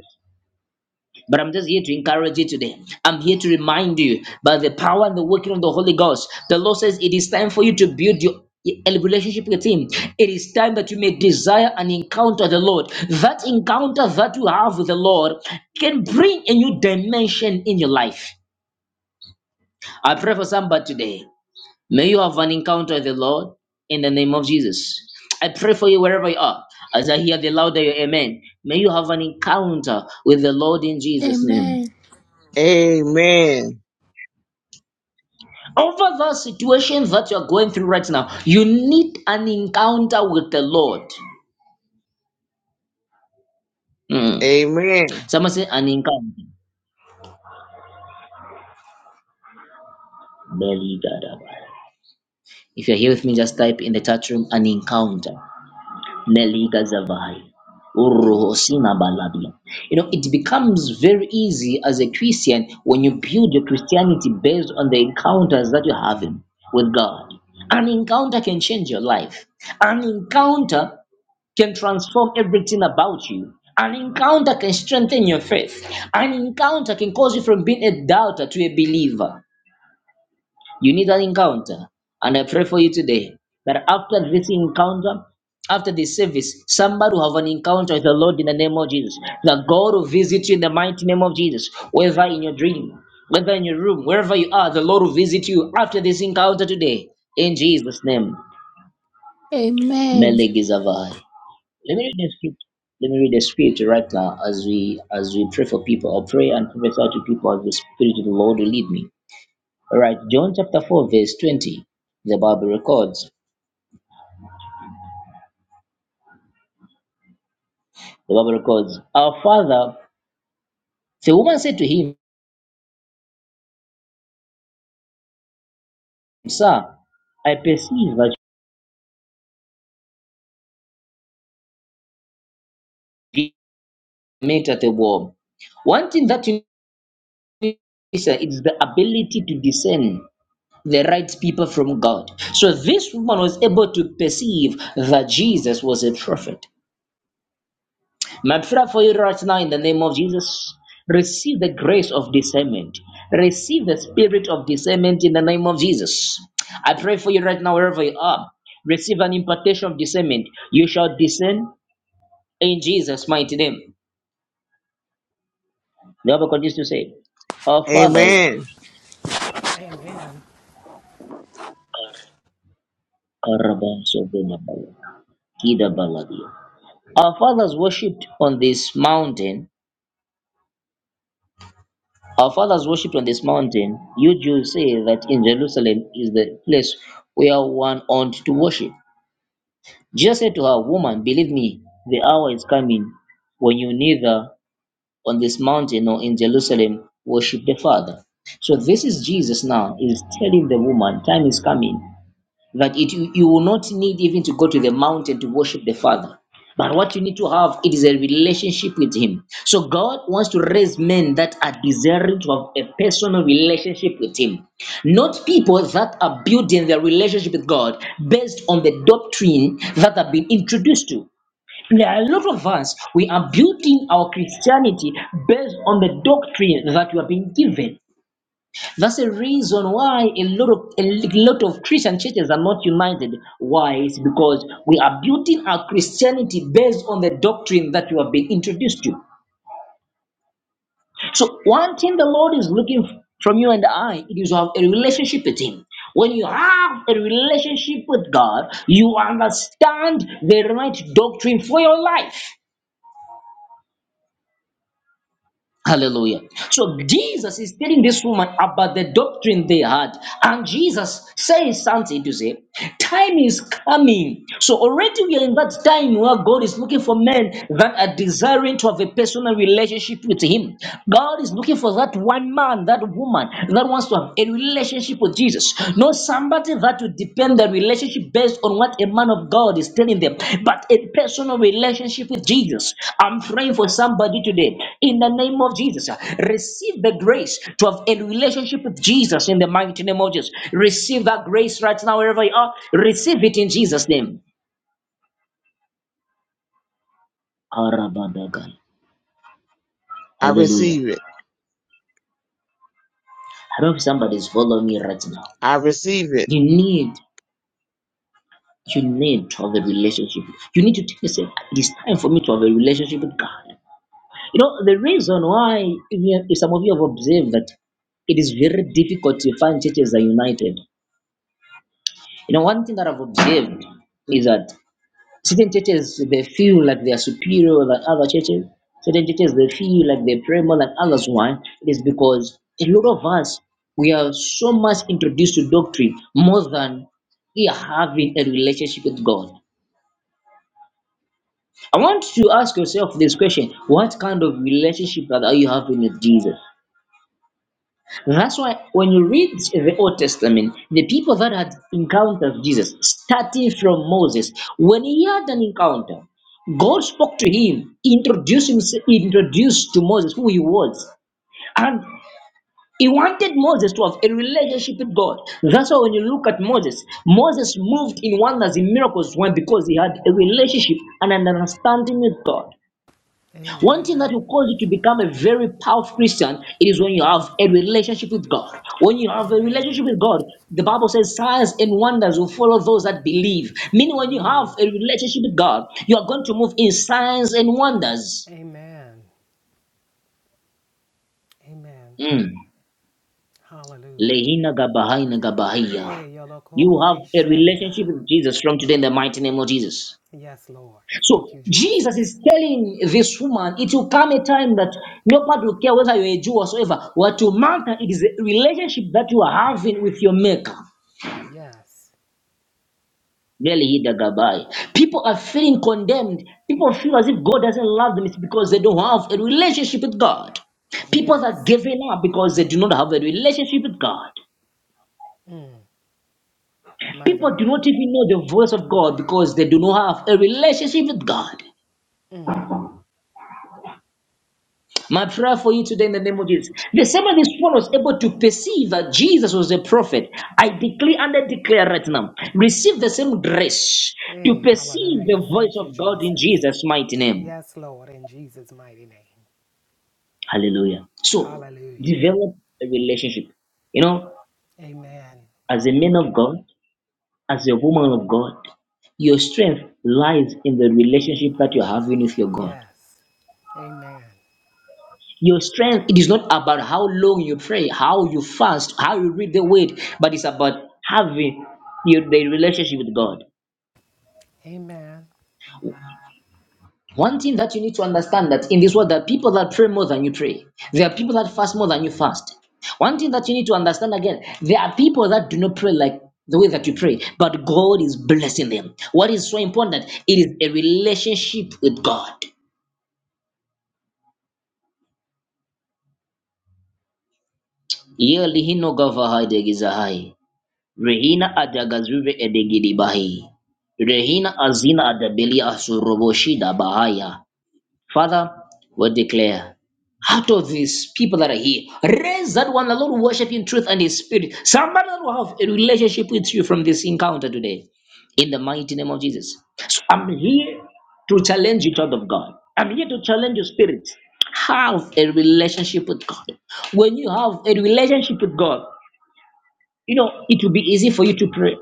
Speaker 1: But I'm just here to encourage you today. I'm here to remind you by the power and the working of the Holy Ghost. The Lord says it is time for you to build your a relationship with him it is time that you may desire and encounter the lord that encounter that you have with the lord can bring a new dimension in your life i pray for somebody today may you have an encounter with the lord in the name of jesus i pray for you wherever you are as i hear the louder your amen may you have an encounter with the lord in jesus name
Speaker 3: Amen.
Speaker 6: Amen.
Speaker 1: Over the situation that you are going through right now, you need an encounter with the Lord. Mm.
Speaker 6: Amen.
Speaker 1: Someone say an encounter. Nelly Gadabaya. If you're here with me, just type in the chat room an encounter. Nelly Gazavai. Uruhu Sina Balabia. You know, it becomes very easy as a Christian when you build your Christianity based on the encounters that you're having with God. An encounter can change your life. An encounter can transform everything about you. An encounter can strengthen your faith. An encounter can cause you from being a doubter to a believer. You need an encounter. And I pray for you today that after this encounter, after this service, somebody will have an encounter with the Lord in the name of Jesus. That God will visit you in the mighty name of Jesus, whether in your dream, whether in your room, wherever you are, the Lord will visit you after this encounter today. In Jesus' name,
Speaker 3: Amen.
Speaker 1: Melegizavai. Let me read the script. Let me read the script right now as we as we pray for people or pray and prophesy to people as the Spirit of the Lord will lead me. All right, John chapter four, verse twenty. The Bible records. The Bible records. Our father, the woman said to him, Sir, I perceive that you met at the wall. One thing that you need sir, is the ability to discern the right people from God. So this woman was able to perceive that Jesus was a prophet. Madfra for you right now in the name of Jesus. Receive the grace of discernment. Receive the spirit of discernment in the name of Jesus. I pray for you right now, wherever you are. Receive an impartation of discernment. You shall discern in Jesus' mighty name. The Bible continues to say, Our fathers,
Speaker 6: Amen.
Speaker 7: Amen.
Speaker 1: our fathers worshipped on this mountain Our fathers worshipped on this mountain. You Jews say that in Jerusalem is the place where one ought to worship. Jesus said to her, Woman, believe me, the hour is coming when you neither on this mountain nor in Jerusalem worship the Father. So this is Jesus now, is telling the woman, time is coming that it you you will not need even to go to the mountain to worship the father but what you need to have it is a relationship with him so god wants to raise men that are desiring to have a personal relationship with him not people that are building their relationship with god based on the doctrine that have been introduced to there are a lot of us we are building our christianity based on the doctrine that we have been given that's the reason why a lot of a lot of Christian churches are not united. Why? It's because we are building our Christianity based on the doctrine that you have been introduced to. So one thing the Lord is looking f- from you and I it is to have a relationship with Him. When you have a relationship with God, you understand the right doctrine for your life. Hallelujah. So Jesus is telling this woman about the doctrine they had. And Jesus says something to say, time is coming. So already we are in that time where God is looking for men that are desiring to have a personal relationship with Him. God is looking for that one man, that woman that wants to have a relationship with Jesus, not somebody that you depend the relationship based on what a man of God is telling them, but a personal relationship with Jesus. I'm praying for somebody today in the name of Jesus. Receive the grace to have a relationship with Jesus in the mighty name of Jesus. Receive that grace right now, wherever you are. Receive it in Jesus' name. Arabadagai.
Speaker 6: I
Speaker 1: Hallelujah.
Speaker 6: receive it.
Speaker 1: I don't know if somebody's following me right now.
Speaker 6: I receive it.
Speaker 1: You need, you need to have a relationship. You need to take yourself. It is time for me to have a relationship with God. You know, the reason why we have- some of you have observed that it is very difficult to find churches that are united. You know, one thing that I've observed is that certain churches they feel like they are superior than other churches. Certain churches they feel like they pray more than others. Why? It is because a lot of us we are so much introduced to doctrine more than we are having a relationship with God. I want you to ask yourself this question: What kind of relationship are you having with Jesus? That's why when you read the Old Testament, the people that had encountered Jesus, starting from Moses, when he had an encounter, God spoke to him, introduced himself, introduced to Moses who he was, and he wanted Moses to have a relationship with God. That's why when you look at Moses, Moses moved in wonders, in miracles, when because he had a relationship and an understanding with God. One thing that
Speaker 7: Amen.
Speaker 1: will cause you to become a very powerful Christian is when you have a relationship with God. When you have a
Speaker 7: Amen.
Speaker 1: relationship with God, the Bible says signs and wonders will follow those that believe. Meaning,
Speaker 7: Can't
Speaker 1: when you have
Speaker 7: believe.
Speaker 1: a relationship with God, you are going to move in signs and wonders.
Speaker 7: Amen. Amen.
Speaker 1: Mm.
Speaker 7: Hallelujah.
Speaker 1: Lehina gabahaina gabahiya.
Speaker 7: Eh,
Speaker 1: You have
Speaker 7: yolokore
Speaker 1: a
Speaker 7: shanda.
Speaker 1: relationship with Jesus from today in the mighty name of Jesus.
Speaker 7: Yes, Lord. Thank
Speaker 1: So
Speaker 7: you,
Speaker 1: Jesus
Speaker 7: Jesus.
Speaker 1: is telling this woman, it will come a time that nobody will care whether you're a Jew or whatsoever. What will matter is the relationship that you are having with your maker.
Speaker 7: Yes.
Speaker 1: Really, he the guy. People are feeling condemned. People feel as if God doesn't love them. It's because they don't have a relationship with God. People are
Speaker 7: Yes.
Speaker 1: giving up because they do not have a relationship with God.
Speaker 7: Mm, my
Speaker 1: People do
Speaker 7: God.
Speaker 1: not even know the voice of God because they do not have a relationship with God.
Speaker 7: Mm.
Speaker 1: My prayer for you today in the name of Jesus. The same way this one was able to perceive that Jesus was a prophet, I declare and I declare right now, receive the same grace to
Speaker 7: Hey,
Speaker 1: perceive the
Speaker 7: hallelujah.
Speaker 1: voice
Speaker 7: Thank you,
Speaker 1: of God in
Speaker 7: Jesus.
Speaker 1: Jesus' mighty name.
Speaker 7: Yes, Lord, in Jesus' mighty name.
Speaker 1: Hallelujah. So,
Speaker 7: Hallelujah.
Speaker 1: develop a relationship. You know,
Speaker 7: Amen.
Speaker 1: as a man of God, as a woman of God, your strength lies in the relationship that you're having with your God.
Speaker 7: Yes. Amen.
Speaker 1: Your strength, it is not about how long you pray, how you fast, how you read the word, but it's about having your, the relationship with God.
Speaker 7: Amen.
Speaker 1: One thing that you need to understand that in this world, there are people that pray more than you pray. There are people that fast more than you fast. One thing that you need to understand again, there are people that do not pray like the way that you pray, but God is blessing them. What is so important? It is a relationship with God. Yeli hino gava haide giza Rehina adagazuve edegidi bahi. Rehina azina adabili asuroboshida bahaya. Father, we declare out of these people that are here, raise that one that Lord worship in truth and in spirit. Somebody that will have a relationship with you from this encounter today. In the mighty name of Jesus. So I'm here to challenge you, child of God. I'm here to challenge your spirit. Have a relationship with God. When you have a relationship with God, you know, it will be easy for you to pray.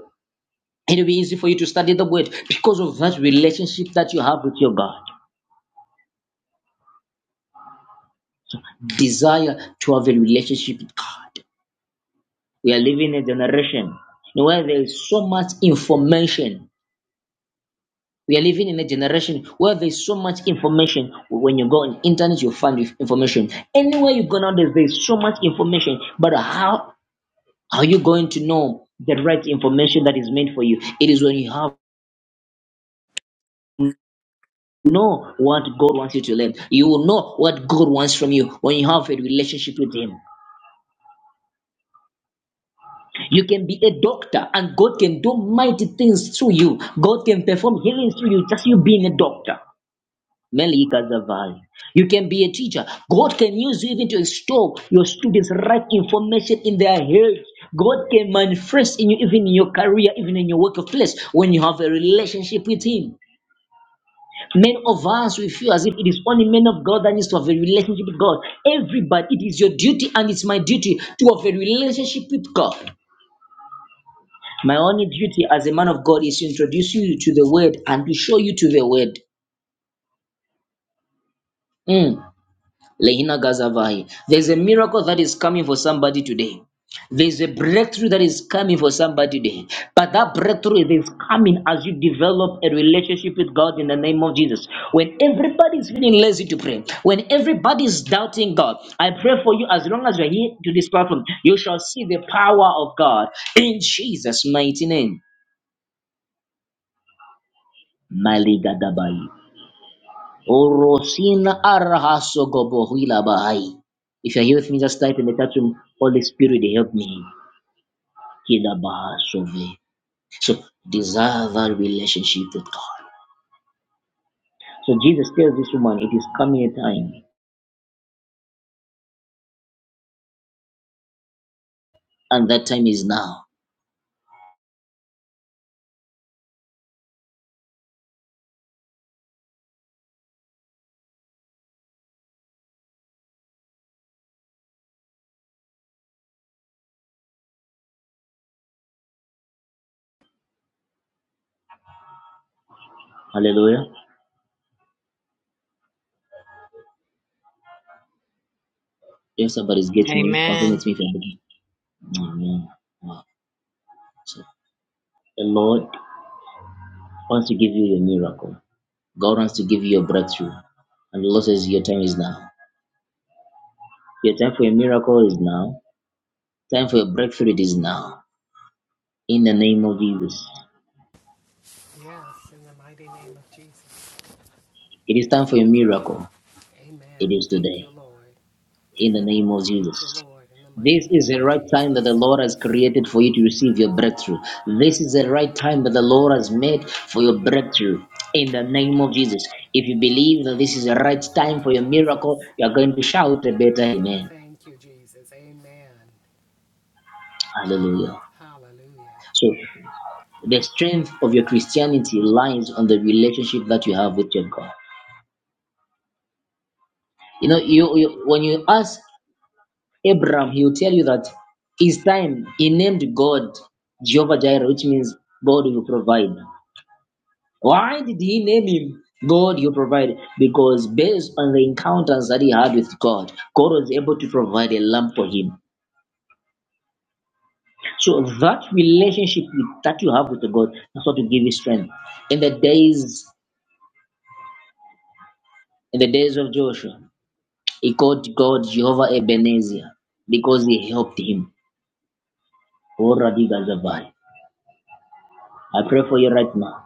Speaker 1: It'll be easy for you to study the word because of that relationship that you have with your God. Desire to have a relationship with God. We are living in a generation where there is so much information. We are living in a generation where there is so much information. When you go on internet, you find information. Anywhere you go now, there's so much information. But how are you going to know the right information that is meant for you? It is when you have know what God wants you to learn. You will know what God wants from you when you have a relationship with Him. You can be a doctor, and God can do mighty things through you. God can perform healings through you, just you being a doctor. Melika Zavai. You can be a teacher. God can use you even to extol your students right information in their heads. God can manifest in you, even in your career, even in your workplace, when you have a relationship with Him. Men of us, we feel as if it is only men of God that needs to have a relationship with God. Everybody, it is your duty and it's my duty to have a relationship with God. My only duty as a man of God is to introduce you to the word and to show you to the word. Mm. Lehina Gazavai. There's a miracle that is coming for somebody today. There's a breakthrough that is coming for somebody today. But that breakthrough is coming as you develop a relationship with God in the name of Jesus. When everybody is feeling lazy to pray, when everybody is doubting God, I pray for you as long as you're here to this platform, you shall see the power of God in Jesus' mighty name. Maligadabaya. Orosina arahaso gobohila bahai. If you're here with me, just type in the chat room, Holy Spirit, help me. Kila bahasove. So desire that relationship with God. So Jesus tells this woman, it is coming a time, and that time is now. Hallelujah. If somebody's getting me, confirm it
Speaker 8: Amen.
Speaker 1: to me if you're getting it. Amen. Wow. So the Lord wants to give you your miracle. God wants to give you your breakthrough. And the Lord says, Your time is now. Your time for a miracle is now. Time for a breakthrough it is now. In the name of Jesus.
Speaker 7: Yes, in the mighty name of Jesus.
Speaker 1: It is time for a miracle. It
Speaker 7: Amen.
Speaker 1: is
Speaker 7: Thank
Speaker 1: today.
Speaker 7: you, Lord.
Speaker 1: In the name of
Speaker 7: Thank you,
Speaker 1: Jesus.
Speaker 7: Lord, in the mighty
Speaker 1: This is
Speaker 7: name
Speaker 1: the
Speaker 7: of
Speaker 1: right time that the
Speaker 7: Jesus.
Speaker 1: Lord has created for you to receive your breakthrough. This is the right time that the Lord has made for your breakthrough. In the
Speaker 7: Thank you,
Speaker 1: name of
Speaker 7: Lord.
Speaker 1: Jesus. If you believe that this is the right time
Speaker 7: Thank you,
Speaker 1: for your miracle,
Speaker 7: Jesus.
Speaker 1: you are going to shout a better amen.
Speaker 7: Thank you, Jesus. Amen.
Speaker 1: Hallelujah.
Speaker 7: Hallelujah.
Speaker 1: So, the strength of your Christianity lies on the relationship that you have with your God. You know, you, you when you ask Abraham, he will tell you that his time he named God Jehovah Jireh, which means God will provide. Why did he name him God will provide? Because based on the encounters that he had with God, God was able to provide a lamp for him. So that relationship with- that you have with the God that's what will give you strength. In the days, in the days of Joshua, he called God Jehovah Ebenezer because he helped him. Oh, Radiga Zabai. I pray for you right now.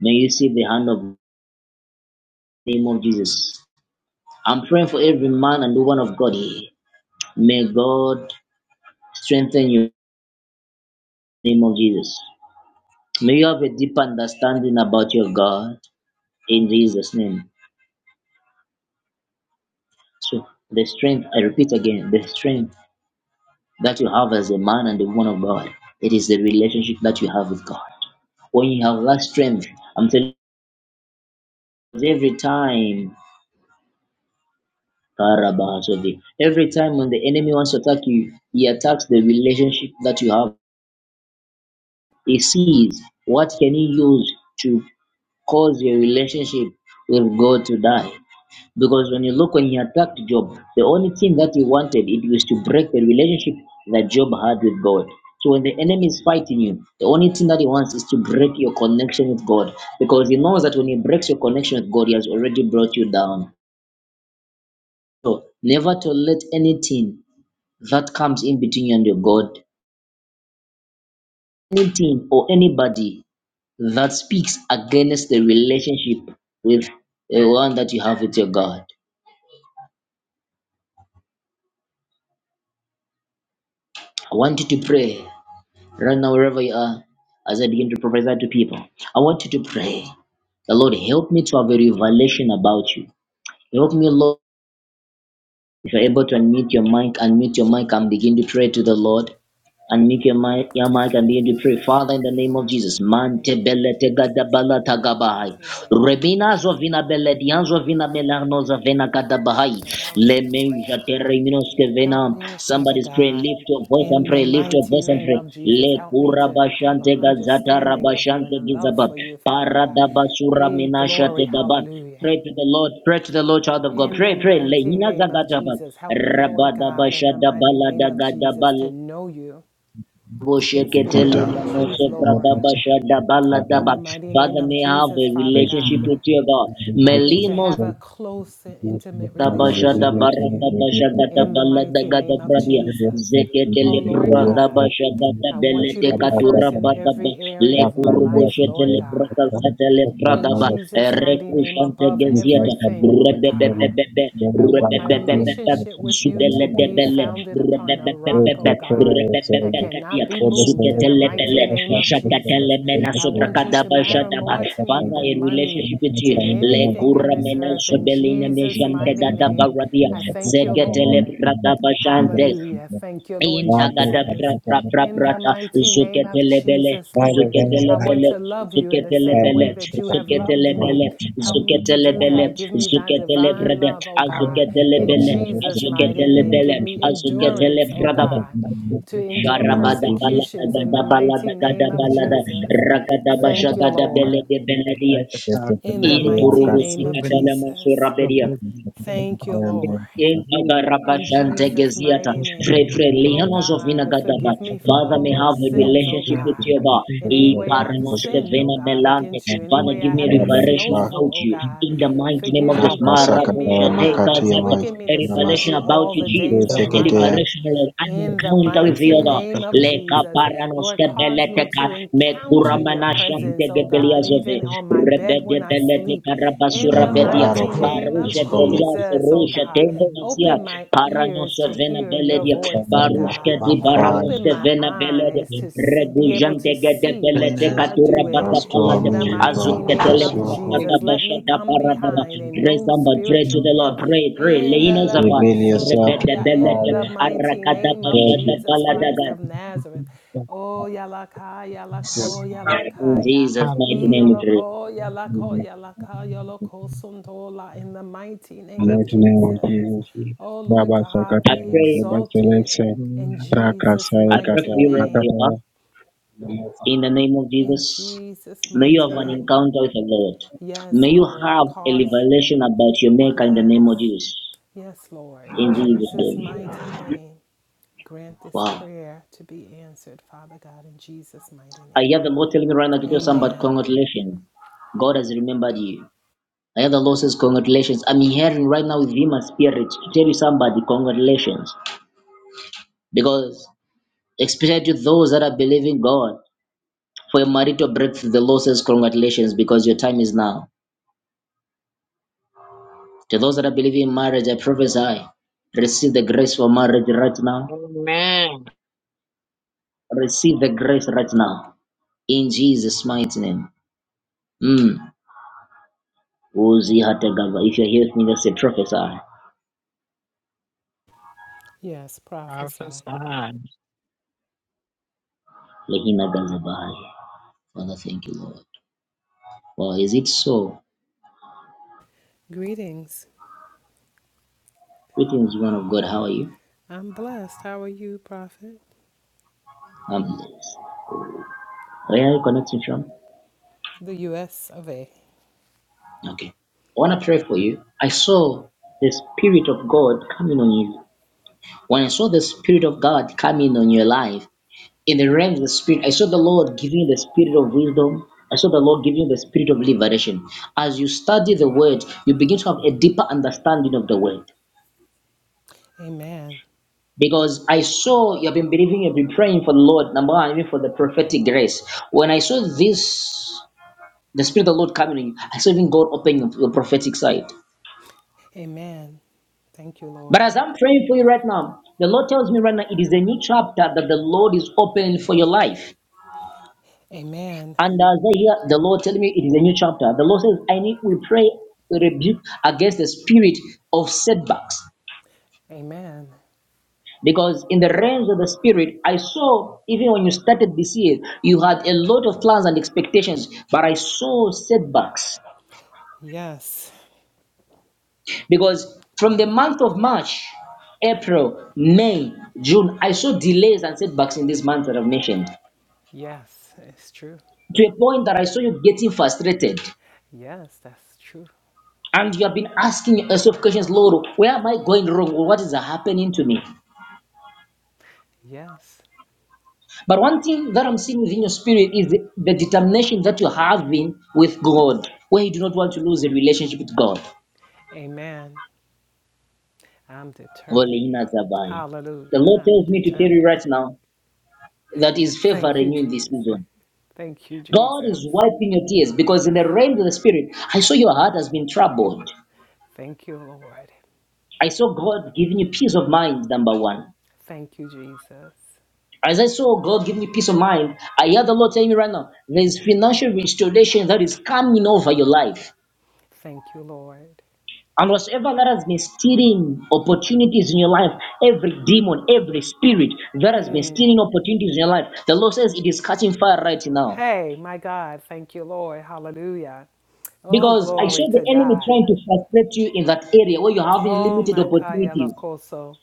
Speaker 1: May you see the hand of the name of Jesus. I'm praying for every man and woman of God here. May God strengthen you in the name of Jesus. May you have a deep understanding about your God in Jesus' name. So the strength, I repeat again, the strength that you have as a man and a woman of God, it is the relationship that you have with God. When you have that strength, I'm telling you, every time Every time when the enemy wants to attack you, he attacks the relationship that you have He sees what can he use to cause your relationship with God to die. Because when you look when he attacked Job, the only thing that he wanted it was to break the relationship that Job had with God. So when the enemy is fighting you, the only thing that he wants is to break your connection with God. Because he knows that when he breaks your connection with God, he has already brought you down. So never to let anything that comes in between you and your God, anything or anybody that speaks against the relationship with the one that you have with your God. I want you to pray right now, wherever you are, as I begin to prophesy to people. I want you to pray. The Lord, help me to have a revelation about you. Help me, Lord. If you're able to unmute your mic, unmute your mic and begin to pray to the Lord. Unmute your mic, your mic and begin to pray. Father, in the name of
Speaker 7: Father,
Speaker 1: Jesus.
Speaker 7: in the
Speaker 1: Mante
Speaker 7: name of
Speaker 1: bele te gada
Speaker 7: Jesus,
Speaker 1: bala
Speaker 7: in
Speaker 1: ta
Speaker 7: the
Speaker 1: gabahai.
Speaker 7: mighty name of
Speaker 1: Rebina zo
Speaker 7: Jesus.
Speaker 1: vina bele dian zo
Speaker 7: Oh, Lord, help me
Speaker 1: melarno
Speaker 7: to
Speaker 1: zo
Speaker 7: have a
Speaker 1: vena gada
Speaker 7: revelation
Speaker 1: bahai. Le
Speaker 7: about you, Lord God. Help
Speaker 1: vena.
Speaker 7: me, Father
Speaker 1: Somebody's praying.
Speaker 7: God,
Speaker 1: Lift your voice and
Speaker 7: in the
Speaker 1: pray. Lift your
Speaker 7: mighty
Speaker 1: voice and
Speaker 7: name
Speaker 1: pray.
Speaker 7: of Jesus.
Speaker 1: Le
Speaker 7: Help me
Speaker 1: kura
Speaker 7: to have an
Speaker 1: gazata
Speaker 7: understanding of you
Speaker 1: rabashante
Speaker 7: and a love
Speaker 1: gizaba.
Speaker 7: for you, Father
Speaker 1: Para
Speaker 7: God.
Speaker 1: da
Speaker 7: Hey, glory,
Speaker 1: gaba.
Speaker 7: hallelujah.
Speaker 1: Pray to the Lord. Pray to the Lord, child of God.
Speaker 7: In the
Speaker 1: Pray, pray.
Speaker 7: mighty
Speaker 1: Lehina
Speaker 7: name of
Speaker 1: zagadaba.
Speaker 7: Jesus, help me, Lord God, in
Speaker 1: Rabadabasha
Speaker 7: the mighty
Speaker 1: dabala
Speaker 7: name of Jesus, to
Speaker 1: dagadabala.
Speaker 7: know you
Speaker 1: Father,
Speaker 7: in
Speaker 1: may
Speaker 7: spirit and in truth, Lord. In the mighty name of
Speaker 1: I have
Speaker 7: Jesus,
Speaker 1: a
Speaker 7: Father
Speaker 1: relationship
Speaker 7: God.
Speaker 1: with you, God.
Speaker 7: Help me to
Speaker 1: Melimo
Speaker 7: have a close and intimate
Speaker 1: da basha
Speaker 7: relationship
Speaker 1: da
Speaker 7: with
Speaker 1: barra da
Speaker 7: you.
Speaker 1: basha da da
Speaker 7: In the
Speaker 1: bala da
Speaker 7: mighty
Speaker 1: ga da
Speaker 7: name of
Speaker 1: bradia
Speaker 7: Jesus.
Speaker 1: zekete
Speaker 7: Oh,
Speaker 1: le
Speaker 7: Lord
Speaker 1: bra da
Speaker 7: God,
Speaker 1: basha da da
Speaker 7: I want you
Speaker 1: belete
Speaker 7: to be
Speaker 1: katura
Speaker 7: first in
Speaker 1: ba da ba
Speaker 7: every
Speaker 1: le
Speaker 7: area of my
Speaker 1: kurubo
Speaker 7: life,
Speaker 1: shete
Speaker 7: Lord
Speaker 1: le
Speaker 7: God
Speaker 1: prata sete le bra da
Speaker 7: in
Speaker 1: ba
Speaker 7: Jesus' mighty
Speaker 1: reku
Speaker 7: name
Speaker 1: shante
Speaker 7: above
Speaker 1: gezieta
Speaker 7: everything, Lord
Speaker 1: rebe be
Speaker 7: God.
Speaker 1: be be be
Speaker 7: I want
Speaker 1: rebe
Speaker 7: my
Speaker 1: be be be be be
Speaker 7: relationship with you
Speaker 1: zubele
Speaker 7: to
Speaker 1: de
Speaker 7: be
Speaker 1: bele
Speaker 7: founded
Speaker 1: rebe
Speaker 7: upon a
Speaker 1: be be be
Speaker 7: rock, oh
Speaker 1: be
Speaker 7: God,
Speaker 1: rebe be be
Speaker 7: that
Speaker 1: be
Speaker 7: cannot
Speaker 1: katia
Speaker 7: be moved in
Speaker 1: zukete
Speaker 7: the
Speaker 1: le
Speaker 7: mighty
Speaker 1: bele
Speaker 7: name of
Speaker 1: shakate le
Speaker 7: Jesus.
Speaker 1: mena
Speaker 7: I
Speaker 1: sobra
Speaker 7: want you
Speaker 1: kada
Speaker 7: to
Speaker 1: basha
Speaker 7: matter
Speaker 1: da ba
Speaker 7: more to me
Speaker 1: Father, a
Speaker 7: than money,
Speaker 1: relationship with you
Speaker 7: than
Speaker 1: Le
Speaker 7: anything in
Speaker 1: cura
Speaker 7: this earth.
Speaker 1: menage
Speaker 7: In
Speaker 1: belina
Speaker 7: Jesus'
Speaker 1: mejante
Speaker 7: mighty
Speaker 1: gada
Speaker 7: name,
Speaker 1: baradia
Speaker 7: I thank you,
Speaker 1: seketele
Speaker 7: Lord.
Speaker 1: brata bashante
Speaker 7: Hallelujah. Thank you, Lord
Speaker 1: inta gada bra
Speaker 7: Jesus.
Speaker 1: bra bra
Speaker 7: In the
Speaker 1: brata
Speaker 7: mighty name of
Speaker 1: zuketele bele
Speaker 7: Jesus, Lord,
Speaker 1: zuketele
Speaker 7: I want
Speaker 1: bele
Speaker 7: to love you in the
Speaker 1: zuketele
Speaker 7: same
Speaker 1: bele
Speaker 7: way that you have
Speaker 1: zuketele
Speaker 7: loved me.
Speaker 1: bele
Speaker 7: Help me to
Speaker 1: zuketele
Speaker 7: do
Speaker 1: bele
Speaker 7: that. Give me thy
Speaker 1: zuketele
Speaker 7: divine
Speaker 1: brada
Speaker 7: love, O
Speaker 8: I was
Speaker 7: God.
Speaker 1: azuketele
Speaker 8: thankful
Speaker 7: In
Speaker 1: bele
Speaker 8: every day.
Speaker 7: Jesus'
Speaker 8: Thank you
Speaker 7: mighty
Speaker 1: azuketele
Speaker 8: for
Speaker 7: name,
Speaker 8: the
Speaker 1: bele
Speaker 7: give me
Speaker 8: hope and I live
Speaker 1: azuketele
Speaker 7: endurance,
Speaker 8: to
Speaker 7: O
Speaker 8: see
Speaker 1: brada
Speaker 8: what
Speaker 1: ba.
Speaker 7: God, to
Speaker 8: to
Speaker 7: endure
Speaker 1: Sharabada
Speaker 8: me for
Speaker 1: balada
Speaker 7: persecutions
Speaker 1: gada
Speaker 7: in the
Speaker 8: family.
Speaker 7: mighty
Speaker 1: balada
Speaker 8: Thank
Speaker 1: gada
Speaker 7: name
Speaker 8: you for
Speaker 7: of
Speaker 8: the
Speaker 1: balada.
Speaker 7: Jesus.
Speaker 8: good and the
Speaker 1: Ragada
Speaker 8: good
Speaker 7: Thank you,
Speaker 8: that you
Speaker 7: Lord.
Speaker 1: Sharabadabaladagadabaladag
Speaker 8: me.
Speaker 1: Ragadabashagadabelegabeladia
Speaker 8: Like a child from
Speaker 7: In the mighty name of
Speaker 8: proven the
Speaker 7: Jesus.
Speaker 1: Inturubusikatalamasurabedia
Speaker 8: privilege and the sin
Speaker 7: Thank
Speaker 8: of our
Speaker 7: you,
Speaker 8: faith.
Speaker 7: Lord.
Speaker 8: You
Speaker 7: In Jesus'
Speaker 1: Intagarabashantegeziata
Speaker 7: mighty
Speaker 8: were
Speaker 1: Fre
Speaker 8: standing
Speaker 7: name,
Speaker 8: in
Speaker 1: Fre
Speaker 8: control of
Speaker 7: oh
Speaker 1: Lihanos
Speaker 8: the
Speaker 1: of
Speaker 7: God,
Speaker 1: Vinagadaba
Speaker 8: things
Speaker 7: forgive
Speaker 8: that
Speaker 7: me
Speaker 8: are
Speaker 7: for
Speaker 8: going to
Speaker 1: Father
Speaker 7: all
Speaker 1: may
Speaker 7: my
Speaker 8: help
Speaker 1: have
Speaker 8: me
Speaker 1: a
Speaker 7: sins,
Speaker 8: to
Speaker 7: oh
Speaker 8: be
Speaker 1: relationship
Speaker 8: able
Speaker 1: with
Speaker 7: God.
Speaker 8: to
Speaker 1: your
Speaker 8: thank
Speaker 1: God
Speaker 8: you
Speaker 7: In
Speaker 8: for
Speaker 7: any
Speaker 1: E
Speaker 7: way I have
Speaker 8: continuing to
Speaker 1: Paranoste
Speaker 7: sinned, oh
Speaker 8: generously
Speaker 1: Vena
Speaker 7: God,
Speaker 1: melante
Speaker 7: against you, any
Speaker 1: Father,
Speaker 7: way I
Speaker 1: give me a
Speaker 7: have been
Speaker 8: me.
Speaker 1: revelation
Speaker 7: slothful,
Speaker 1: about
Speaker 7: oh
Speaker 1: you.
Speaker 7: God.
Speaker 1: In the mighty name of
Speaker 7: Forgive
Speaker 1: Jesus,
Speaker 7: me,
Speaker 8: Hallelujah.
Speaker 7: quicken me, oh
Speaker 1: Maraboshete
Speaker 7: God,
Speaker 8: Hallelujah.
Speaker 7: quicken me
Speaker 1: a
Speaker 7: to serve
Speaker 1: revelation
Speaker 7: you
Speaker 1: about
Speaker 7: all
Speaker 1: you,
Speaker 7: the
Speaker 1: Jesus.
Speaker 7: days of
Speaker 1: A
Speaker 8: God, I
Speaker 7: my
Speaker 8: thank
Speaker 7: life.
Speaker 8: you
Speaker 1: revelation, Lord, an
Speaker 8: for
Speaker 7: In the
Speaker 8: the
Speaker 1: encounter with
Speaker 8: gift
Speaker 1: you,
Speaker 7: mighty
Speaker 8: of
Speaker 1: God.
Speaker 8: our
Speaker 7: name of
Speaker 1: Leka
Speaker 7: Jesus, Lord,
Speaker 1: paranoske
Speaker 7: cause me
Speaker 1: beleteka
Speaker 7: to
Speaker 1: me
Speaker 8: And
Speaker 7: encounter your
Speaker 1: kuramana
Speaker 8: as
Speaker 1: shante
Speaker 7: presence, oh God,
Speaker 1: gebeliazove
Speaker 7: even on my bed
Speaker 1: rebede
Speaker 7: when I sleep.
Speaker 1: beleteka
Speaker 7: In
Speaker 1: rabasura
Speaker 7: the
Speaker 1: bedia
Speaker 8: we
Speaker 7: mighty
Speaker 8: pray,
Speaker 7: name
Speaker 8: we
Speaker 7: of
Speaker 1: parusha
Speaker 8: give
Speaker 1: delias
Speaker 7: Jesus, oh
Speaker 8: praise
Speaker 1: rusha
Speaker 7: God,
Speaker 1: tena
Speaker 8: and
Speaker 1: mazia
Speaker 7: open my ears
Speaker 1: paranoske
Speaker 7: to
Speaker 1: vena
Speaker 7: hear your
Speaker 1: beledia
Speaker 7: voice, oh
Speaker 1: parushke
Speaker 7: God.
Speaker 1: di
Speaker 7: Open
Speaker 1: baranoske
Speaker 7: my
Speaker 1: vena beledia
Speaker 7: eyes to see, be able to
Speaker 1: regujante gede
Speaker 7: see what you
Speaker 1: beleteka
Speaker 8: thanks
Speaker 7: are doing
Speaker 1: turabada
Speaker 7: in
Speaker 1: palate
Speaker 7: the mighty name
Speaker 1: Azukatele
Speaker 7: of
Speaker 1: barakata
Speaker 7: Jesus. Let me
Speaker 1: bashada
Speaker 7: come
Speaker 1: baradaba.
Speaker 7: behind and
Speaker 1: Pray
Speaker 7: know
Speaker 1: somebody, pray to
Speaker 7: spiritual
Speaker 1: the
Speaker 8: to
Speaker 1: Lord,
Speaker 7: gift
Speaker 1: pray, pray.
Speaker 7: in the
Speaker 1: Leinos of God, rebede
Speaker 7: Lakosotoya, in
Speaker 1: belede,
Speaker 7: the mighty
Speaker 1: arakada
Speaker 7: name of
Speaker 1: bashada
Speaker 7: Jesus Christ
Speaker 1: baladaga.
Speaker 7: of Nazareth.
Speaker 8: Jesus.
Speaker 7: Oh yalakaya lakoya
Speaker 1: In
Speaker 7: lakaya.
Speaker 1: Jesus' mighty
Speaker 8: hallelujah,
Speaker 1: name we pray.
Speaker 7: Iolokoya lakoya lakaya lokosundola in the mighty name of
Speaker 8: hallelujah,
Speaker 7: Jesus.
Speaker 8: Jesus.
Speaker 7: Oh Lord God,
Speaker 1: I
Speaker 7: be
Speaker 1: pray,
Speaker 7: exalted in Jesus'
Speaker 1: I pray
Speaker 7: mighty
Speaker 1: for you wherever
Speaker 7: name.
Speaker 1: you are. In the name of
Speaker 7: In
Speaker 1: Jesus,
Speaker 7: Jesus'
Speaker 1: may you
Speaker 7: mighty
Speaker 1: have an
Speaker 7: name.
Speaker 1: encounter with the Lord.
Speaker 7: Yes,
Speaker 1: May you
Speaker 7: Lord.
Speaker 1: have a
Speaker 7: Cause
Speaker 1: revelation about your Maker in the name of
Speaker 7: yes.
Speaker 1: Jesus.
Speaker 7: Yes, Lord. In
Speaker 1: In Jesus'
Speaker 7: Jesus'
Speaker 1: name.
Speaker 7: mighty name. Grant this
Speaker 1: Wow.
Speaker 7: prayer to be answered, Father God, in Jesus' mighty
Speaker 1: I hear the
Speaker 7: name.
Speaker 1: Lord telling me right now to tell somebody,
Speaker 7: Amen.
Speaker 1: congratulations. God has remembered you. The other law says, Congratulations. I'm hearing right now with him a spirit to tell you somebody, Congratulations. Because, especially to those that are believing God, for your marital breakthrough, the law says, Congratulations, because your time is now. To those that are believing in marriage, I prophesy, receive the grace for marriage right now.
Speaker 8: amen.
Speaker 1: Receive the grace right now. In Jesus' mighty name. Mm. Uzi hata If you're here with me, just say, Prophesy.
Speaker 7: Yes, prophesy.
Speaker 8: Prophesy,
Speaker 1: Lehina gazabahai. Father, thank you, Lord. Well, is it so?
Speaker 7: Greetings.
Speaker 1: Greetings, one of God. How are you?
Speaker 7: I'm blessed. How are you, Prophet?
Speaker 1: Um, Are you connecting from?
Speaker 7: The U.S. of A.
Speaker 1: Okay. I want to pray for you. I saw the Spirit of God coming on you. When I saw the Spirit of God coming on your life, in the realm of the Spirit, I saw the Lord giving you the Spirit of wisdom. I saw the Lord giving you the Spirit of liberation. As you study the Word, you begin to have a deeper understanding of the Word.
Speaker 7: Amen.
Speaker 1: Because I saw you have been believing, you have been praying for the Lord, number one, even for the prophetic grace. When I saw this The Spirit of the Lord coming on you. I saw even God opening up your prophetic side.
Speaker 7: Amen. Thank you,
Speaker 1: But as
Speaker 7: Lord.
Speaker 1: I'm praying for you right now, the Lord tells me right now it is a new chapter that the Lord is opening for your life.
Speaker 7: Amen.
Speaker 1: And as I hear the Lord telling me it is a new chapter, the Lord says, I need we pray, we rebuke against the spirit of setbacks.
Speaker 7: Amen.
Speaker 1: Because in the realms of the spirit, I saw even when you started this year, you had a lot of plans and expectations, but I saw setbacks.
Speaker 7: Yes.
Speaker 1: because from the month of March, April, May, June, I saw delays and setbacks in these months that I've mentioned
Speaker 7: Yes, it's true.
Speaker 1: to a point that I saw you getting frustrated
Speaker 7: Yes, that's true.
Speaker 1: and you have been asking yourself questions, Lord, where am I going wrong? What is happening to me?
Speaker 7: Yes.
Speaker 1: But one thing that I'm seeing within your spirit is the, the determination that you have been with God, where you do not want to lose the relationship with God.
Speaker 7: Amen. I'm determined.
Speaker 1: Holy Hina Zabai. The
Speaker 7: Hallelujah.
Speaker 1: Lord
Speaker 7: I'm
Speaker 1: tells me to tell you
Speaker 7: determined.
Speaker 1: right now that He's
Speaker 7: Thank you,
Speaker 1: favoring you in this
Speaker 7: Jesus.
Speaker 1: season.
Speaker 7: Thank you,
Speaker 1: God is
Speaker 7: Jesus.
Speaker 1: wiping your tears because in the realm of the spirit, I saw your heart has been troubled.
Speaker 7: Thank you, Lord.
Speaker 1: I saw God giving you peace of mind, number one.
Speaker 7: Thank you, Jesus.
Speaker 1: As I saw God giving you peace of mind, I hear the Lord telling me right now, there's financial restoration that is coming over your life.
Speaker 7: Thank you, Lord.
Speaker 1: And whatever that has been stealing opportunities in your life, every demon, every spirit that has
Speaker 7: Mm.
Speaker 1: been stealing opportunities in your life, the Lord says it is catching fire right now.
Speaker 7: Hey, my God, thank you, Lord. Hallelujah. Oh,
Speaker 1: Because I
Speaker 7: glory
Speaker 1: saw the
Speaker 7: to
Speaker 1: enemy
Speaker 7: God.
Speaker 1: trying to frustrate you in that area where you're having
Speaker 7: Oh,
Speaker 1: limited
Speaker 7: my Kaya
Speaker 1: opportunities.
Speaker 7: Lakoso.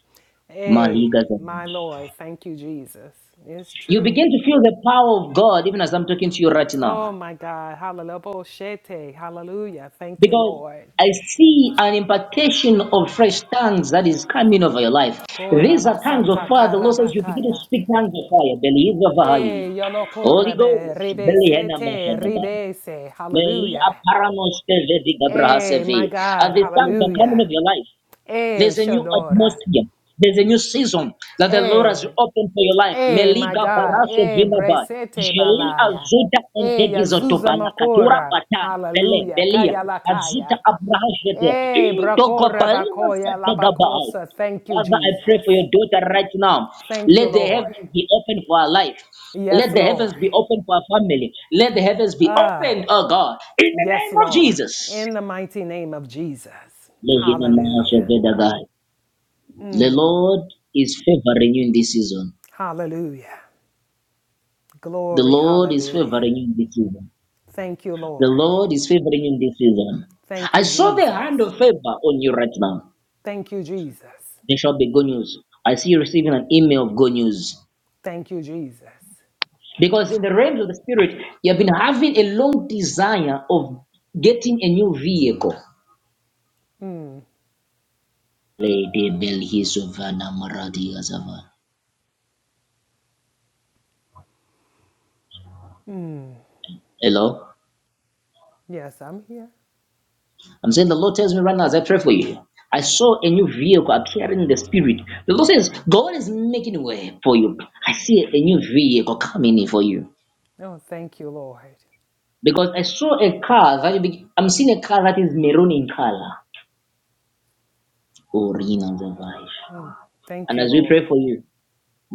Speaker 7: Hey,
Speaker 1: Maliga
Speaker 7: my Lord, thank you, Jesus. It's
Speaker 1: You
Speaker 7: true.
Speaker 1: begin to feel the power of God even as I'm talking to you right
Speaker 7: Oh,
Speaker 1: now.
Speaker 7: my God. Hallelujah. Hallelujah. Thank you,
Speaker 1: Because
Speaker 7: Lord.
Speaker 1: I see an impartation of fresh tongues that is coming over your life. These are tongues of
Speaker 7: Korabasata
Speaker 1: fire. The Lord says you begin to
Speaker 7: karabakaya.
Speaker 1: speak tongues of fire. Believe of fire.
Speaker 7: E yolo
Speaker 1: Holy
Speaker 7: korebe,
Speaker 1: Ghost,
Speaker 7: rebese
Speaker 1: Belihena
Speaker 7: te,
Speaker 1: Mashadaba.
Speaker 7: rebese.
Speaker 1: Meli
Speaker 7: Hallelujah.
Speaker 1: aparamos te vedi gabraha
Speaker 7: Eh, my
Speaker 1: seve.
Speaker 7: God.
Speaker 1: And these tongues are coming of
Speaker 7: Hallelujah.
Speaker 1: your life.
Speaker 7: Eh,
Speaker 1: There's a new
Speaker 7: Shodora.
Speaker 1: atmosphere. There's a new season that the Lord has
Speaker 7: Eh,
Speaker 1: opened for your life.
Speaker 7: eh, my
Speaker 1: Meliga
Speaker 7: God.
Speaker 1: baraso
Speaker 7: Eh,
Speaker 1: vinaba.
Speaker 7: bresete
Speaker 1: Jeli
Speaker 7: balaya.
Speaker 1: azuta
Speaker 7: Eh,
Speaker 1: entegizo to
Speaker 7: Yazuza
Speaker 1: balakatura
Speaker 7: makora.
Speaker 1: bata Bele,
Speaker 7: Hallelujah.
Speaker 1: belia.
Speaker 7: Kaya la
Speaker 1: Azuta
Speaker 7: kaya.
Speaker 1: abrahajede.
Speaker 7: Eh,
Speaker 1: Into
Speaker 7: brakora
Speaker 1: gobalima
Speaker 7: bakoya
Speaker 1: sategabahai.
Speaker 7: labakosa. Thank you,
Speaker 1: Father, I pray for
Speaker 7: Jesus.
Speaker 1: your daughter right now.
Speaker 7: Thank you,
Speaker 1: Let the
Speaker 7: Lord.
Speaker 1: heavens be open for her life.
Speaker 7: Yes,
Speaker 1: Let the heavens
Speaker 7: Lord.
Speaker 1: be open for her family. Let the heavens be
Speaker 7: Ah.
Speaker 1: open, oh God, in the
Speaker 7: Yes,
Speaker 1: name of
Speaker 7: Lord.
Speaker 1: Jesus.
Speaker 7: In the mighty name of Jesus. Hallelujah.
Speaker 1: The Lord is favoring you in this season.
Speaker 7: Hallelujah.
Speaker 1: The
Speaker 7: Glory.
Speaker 1: Lord is
Speaker 7: Hallelujah.
Speaker 1: favoring you in this season.
Speaker 7: Thank you,
Speaker 1: The
Speaker 7: Lord.
Speaker 1: Lord is favoring you in this season.
Speaker 7: Thank
Speaker 1: I
Speaker 7: you,
Speaker 1: saw the hand
Speaker 7: Jesus.
Speaker 1: of favor on you right now.
Speaker 7: Thank you, Jesus.
Speaker 1: There shall be good news. I see you receiving an email of good news.
Speaker 7: Thank you, Jesus.
Speaker 1: Because in the realms of the spirit, you have been having a long desire of getting a new vehicle. Lady Belhisovana Maradi Azava. Hello?
Speaker 7: Yes, I'm here.
Speaker 1: I'm saying the Lord tells me right now as I pray for you. I saw a new vehicle appearing in the spirit. The Lord says, God is making way for you. I see a new vehicle coming in for you.
Speaker 7: Oh, thank you, Lord.
Speaker 1: Because I saw a car that be- I'm seeing a car that is maroon in color. Oh, Rina Zavai.
Speaker 7: Thank
Speaker 1: And
Speaker 7: you,
Speaker 1: as we pray
Speaker 7: Lord.
Speaker 1: for you,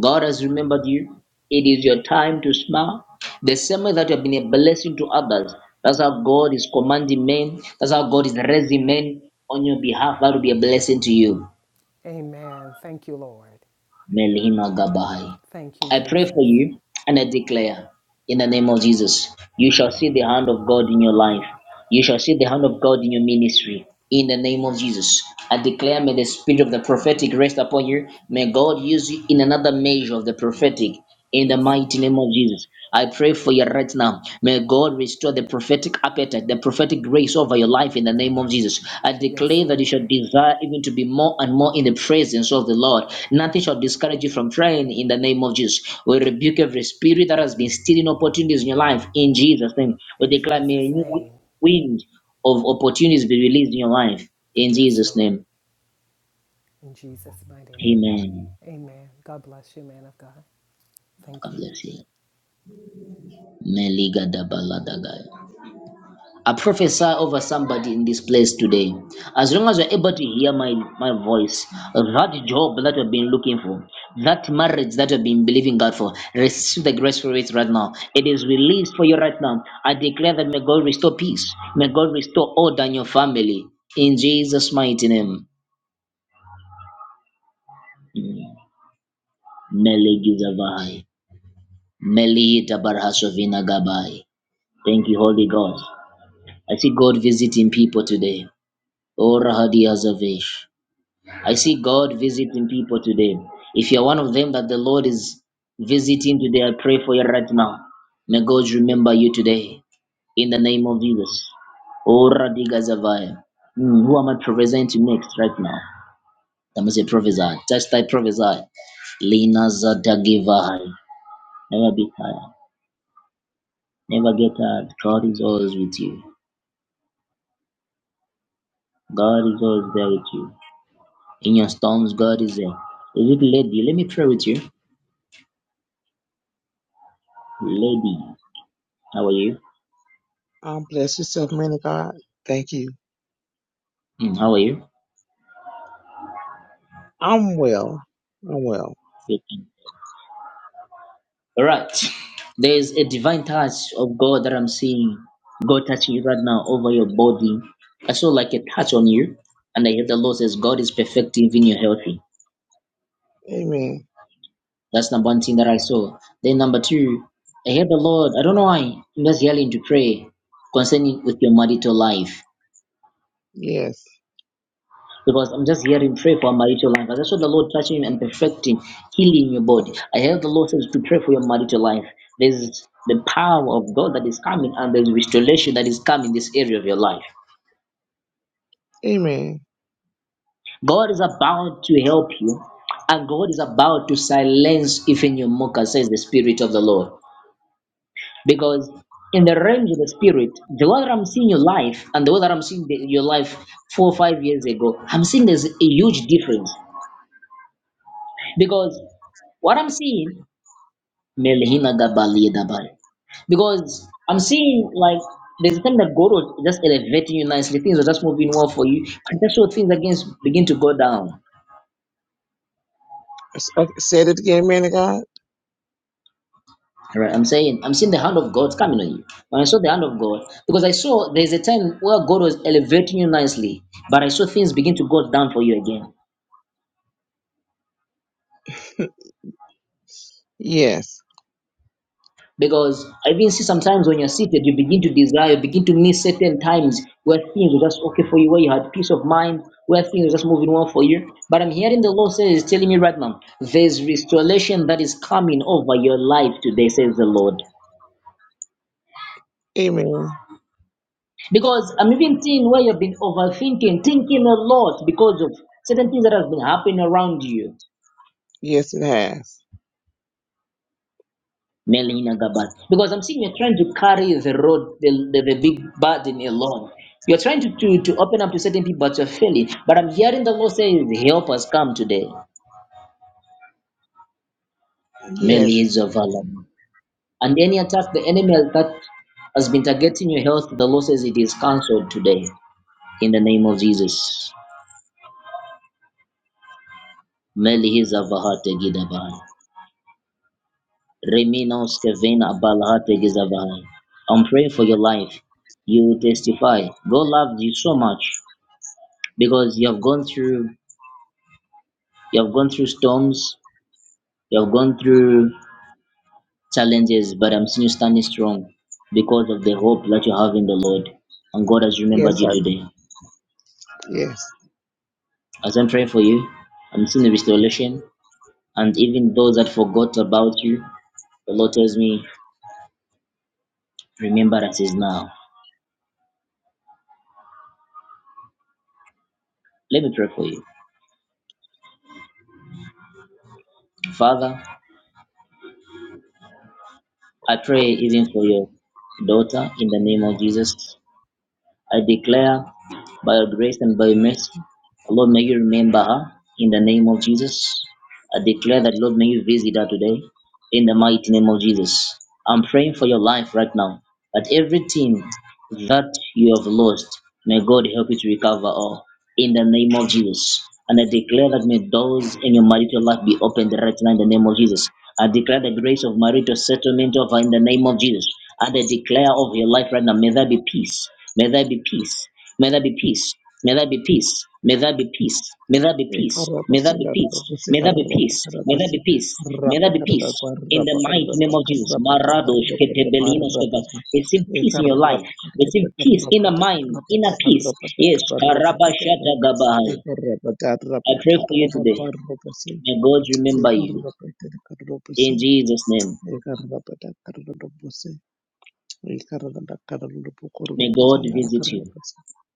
Speaker 1: God has remembered you. It is your time to smile. The same way that you have been a blessing to others. That's how God is commanding men. That's how God is raising men on your behalf. That will be a blessing to you.
Speaker 7: Amen. Thank you, Lord.
Speaker 1: Melhima Gabai.
Speaker 7: Thank you,
Speaker 1: I pray for
Speaker 7: Jesus.
Speaker 1: you and I declare in the name of Jesus, you shall see the hand of God in your life. You shall see the hand of God in your ministry. In the name of Jesus, I declare may the spirit of the prophetic rest upon you. May God use you in another measure of the prophetic. In the
Speaker 7: Yes,
Speaker 1: mighty name of
Speaker 7: Lord.
Speaker 1: Jesus, I pray for you right now. May God restore the prophetic appetite, the prophetic grace over your life in the name of Jesus. I
Speaker 7: Yes,
Speaker 1: declare that you
Speaker 7: Lord.
Speaker 1: shall desire even to be more and more in the presence of the Lord. Nothing shall discourage you from praying in the name of Jesus. We rebuke every spirit that has been stealing opportunities in your life in Jesus' name. We
Speaker 7: In
Speaker 1: declare, may
Speaker 7: Jesus'
Speaker 1: you
Speaker 7: name.
Speaker 1: wind of opportunities be released in your life. In
Speaker 7: Yes,
Speaker 1: Jesus'
Speaker 7: Lord.
Speaker 1: name.
Speaker 7: In Jesus' mighty name.
Speaker 1: Amen.
Speaker 7: Amen. God bless you, man of God. Thank
Speaker 1: God
Speaker 7: you.
Speaker 1: bless you. I prophesy over somebody in this place today. As long as you're able to hear my, my voice, that job that you've been looking for, that marriage that you've been believing God for, receive the grace for it right now. It is released for you right now. I declare that may God restore peace. May God restore order in your family. In Jesus' mighty name. Meli Tabar Hashovina Gabai. Thank you, Holy God. I see God visiting people today. Oh, Rahadi Azavesh. I see God visiting people today. If you're one of them that the Lord is visiting today, I pray for you right now. May God remember you today in the name of Jesus. Oh, Radiga Zavaya. Hmm, who am I presenting next right now? I must say prophesy. Just I prophesy. Lina Zadagivai. Never be tired. Never get tired. God is always with you. God is always there with you. In your storms, God is there. Is it lady? Let me pray with you. Lady, how are you?
Speaker 6: Um, bless yourself, man of God. Thank you.
Speaker 1: Mm, how are you?
Speaker 6: I'm well. I'm well.
Speaker 1: Good. All right. There is a divine touch of God that I'm seeing. God touching you right now over your body. I saw like a touch on you, and I hear the Lord says, God is perfecting even your healthy.
Speaker 6: Amen.
Speaker 1: That's number one thing that I saw. Then number two, I hear the Lord. I don't know why. I'm just yelling to pray concerning with your marital life.
Speaker 6: Yes.
Speaker 1: because I'm just hearing pray for marital life. I just saw the Lord touching you and perfecting, healing your body. I heard the Lord says to pray for your marital life. There's the power of God that is coming and there's restoration that is coming in this area of your life.
Speaker 6: Amen.
Speaker 1: God is about to help you and God is about to silence even your mocker, says the Spirit of the Lord. Because in the realms of the spirit, the way that I'm seeing your life and the way that I'm seeing the, your life four or five years ago, I'm seeing there's a huge difference. Because what I'm seeing Melhina Gabali Dabai. Because I'm seeing like there's a time that God was just elevating you nicely, things were just moving well for you, and that's what things against begin to go down.
Speaker 6: S- Okay, said it again, man of God.
Speaker 1: Right, I'm saying I'm seeing the hand of God coming on you. When I saw the hand of God, because I saw there's a time where God was elevating you nicely, but I saw things begin to go down for you again.
Speaker 6: Yes.
Speaker 1: Because I even see sometimes when you're seated, you begin to desire, you begin to miss certain times where things were just okay for you, where you had peace of mind, where things were just moving well for you. But I'm hearing the Lord says, He's telling me right now, there's restoration that is coming over your life today, says the Lord.
Speaker 6: Amen.
Speaker 1: Because I'm even seeing where you've been overthinking, thinking a lot because of certain things that have been happening around you.
Speaker 6: Yes, it has.
Speaker 1: Melina Gabat. Because I'm seeing you're trying to carry the road, the, the, the big burden alone. You're trying to, to, to open up to certain people, but you're failing. But I'm hearing the Lord say, Help us come today. Meli
Speaker 6: Yes.
Speaker 1: is of valor. And any attack, the enemy that has been targeting your health, the Lord says it is cancelled today. In the name of Jesus. Meli is of Vahate Gidabai. Reminos Kevina Balahate Gizabai. I'm praying for your life. You will testify. God loved you so much. because you have gone through you have gone through storms you have gone through challenges but i'm seeing you standing strong because of the hope that you have in the lord and god has remembered
Speaker 6: Yes,
Speaker 1: you
Speaker 6: I do.
Speaker 1: today
Speaker 6: Yes.
Speaker 1: as i'm praying for you i'm seeing the restoration and even those that forgot about you the lord tells me remembrance is now let me pray for you father i pray even for your daughter in the name of jesus I declare by your grace and by your mercy, Lord, may you remember her in the name of Jesus. I declare that, Lord, may you visit her today in the mighty name of Jesus. I'm praying for your life right now that everything that you have lost, may God help you to recover all in the name of Jesus. And I declare that may doors in your marital life be opened right now in the name of Jesus. I declare the grace of marital settlement over in the name of Jesus. And I declare over your life right now, may there be peace. May there be peace. May there be peace. May there be peace. May there be peace. May there
Speaker 6: Ekarra
Speaker 1: be peace. May there be peace. May there be peace. May there be peace. May there be peace in the mighty name of Jesus. Maradosh ketebelinos keba. Receive peace in your life. Receive peace in the mind, inner peace. Yes, karabashata gabahai. I pray for you today. May God remember you in Jesus' name. May God visit you.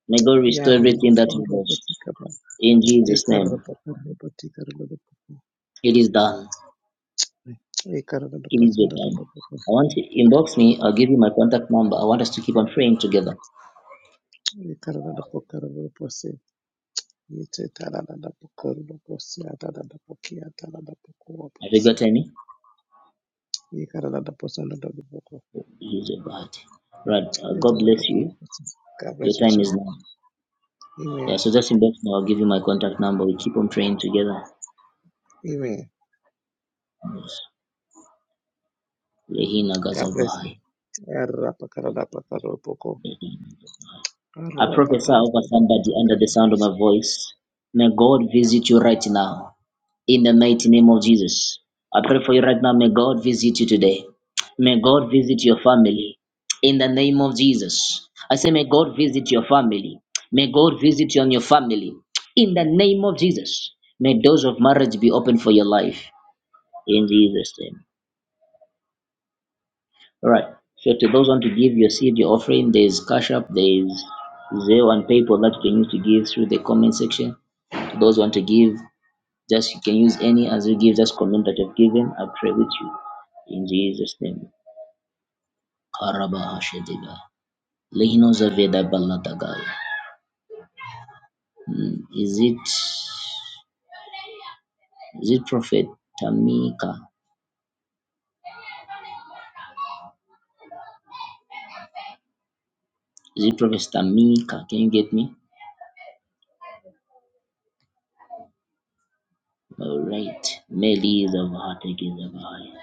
Speaker 1: May God restore everything that you lost in Jesus' name. It is done.
Speaker 6: God
Speaker 1: It is
Speaker 6: bless
Speaker 1: your time. I want to inbox me. I'll give you my contact number. I want us to keep on praying together. Have you got any? He's a God. Right. Uh, God bless you. Your
Speaker 6: you
Speaker 1: time
Speaker 6: too.
Speaker 1: is now. Yeah,
Speaker 6: Amen.
Speaker 1: so just inbox me. I'll give you my contact number. We keep on praying together.
Speaker 6: Amen.
Speaker 1: Yes. Lehina
Speaker 6: God bless you.
Speaker 1: Gazavahai.
Speaker 6: Arapa karada pakaro poko.
Speaker 1: I
Speaker 6: Arapa
Speaker 1: prophesy
Speaker 6: tana
Speaker 1: over
Speaker 6: karada
Speaker 1: somebody under
Speaker 6: pakaro
Speaker 1: the sound of
Speaker 6: poko.
Speaker 1: my voice. May God visit you right now in the mighty name of Jesus. I pray for you right now. May God visit you today. May God visit your family in the name of Jesus. I say, may God visit your family. May God visit you and your family in the name of Jesus. May doors of marriage be open for your life in Jesus' name. All right. So to those who want to give your seed, your offering, there's Cash App, there's Zelle and PayPal that you can use to give through the comment section. To those who want to give, just you can use any as you give, just comment that you've given. I pray with you in Jesus' name. Karaba Hashedega. Lehino Zaveda Baladagaya. Mm, Is it is it Prophet Tamika? Is it Prophet Tamika? Can you get me? All right. Meli Zavahate Gizavahaya.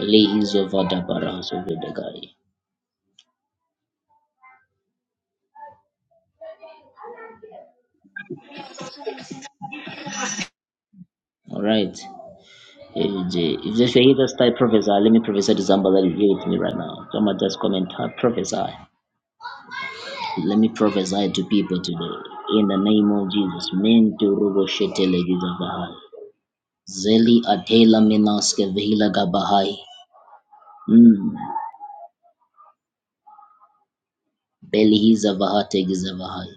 Speaker 1: Lays over the barrels of the guy. All right. If the- if this were you, just you're here to type prophesy, let me prophesy to somebody that is here with me right now. Someone just comment type prophesy. Let me prophesy to people today. In the name of Jesus. Men to rubo shete ladies of gizabahai. Zeli atela menaske vehila gabahai. Mm. Beli hizavahate gizabahai.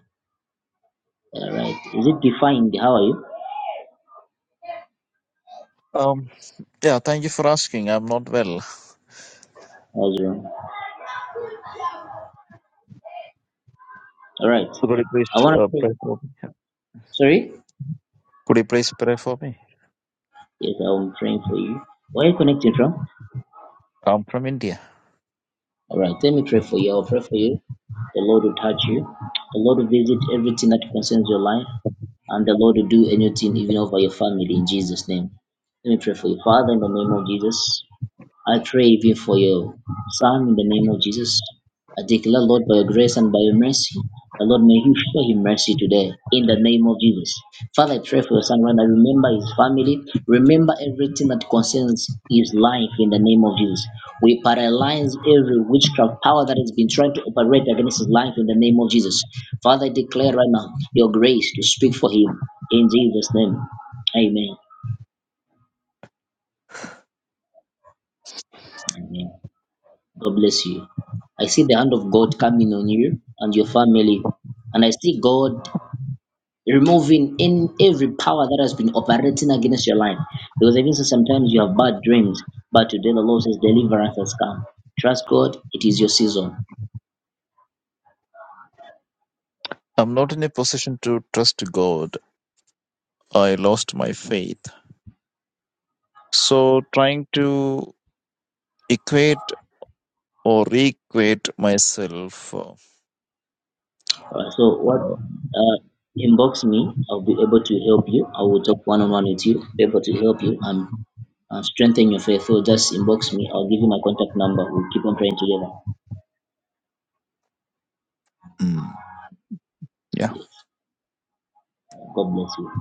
Speaker 1: All right. Is it defined? How are you?
Speaker 9: Um, yeah, thank you for asking. I'm not well.
Speaker 1: How's your All right.
Speaker 9: Could you
Speaker 1: I
Speaker 9: please
Speaker 1: want to
Speaker 9: uh,
Speaker 1: pray.
Speaker 9: pray for me?
Speaker 1: Sorry?
Speaker 9: Could you please pray for me?
Speaker 1: Yes, I'm praying for you. Where are you connecting from?
Speaker 9: I'm from India.
Speaker 1: All right, let me pray for you. I'll pray for you. The Lord will touch you. The Lord will visit everything that concerns your life, and the Lord will do anything, even over your family, in Jesus' name. Let me pray for you, Father, in the name of Jesus. I pray even for your son in the name of Jesus. I declare, Lord, by your grace and by your mercy, the Lord may you show him mercy today in the name of Jesus. Father, I pray for your son right now. Remember his family. Remember everything that concerns his life in the name of Jesus. We paralyze every witchcraft power that has been trying to operate against his life in the name of Jesus. Father, I declare right now your grace to speak for him in Jesus' name. Amen. Amen. God bless you. I see the hand of God coming on you and your family. And I see God removing in every power that has been operating against your life. Because even so sometimes you have bad dreams, but today the Lord says deliverance has come. Trust God, it is your season.
Speaker 9: I'm not in a position to trust God. I lost my faith. So, trying to equate or re-equate myself. Uh,
Speaker 1: Alright, so what uh, inbox me, I'll be able to help you. I will talk one on one with you, be able to help you and uh, strengthen your faith. So just inbox me, I'll give you my contact number. We'll keep on praying together.
Speaker 9: mm, yeah.
Speaker 1: God bless you.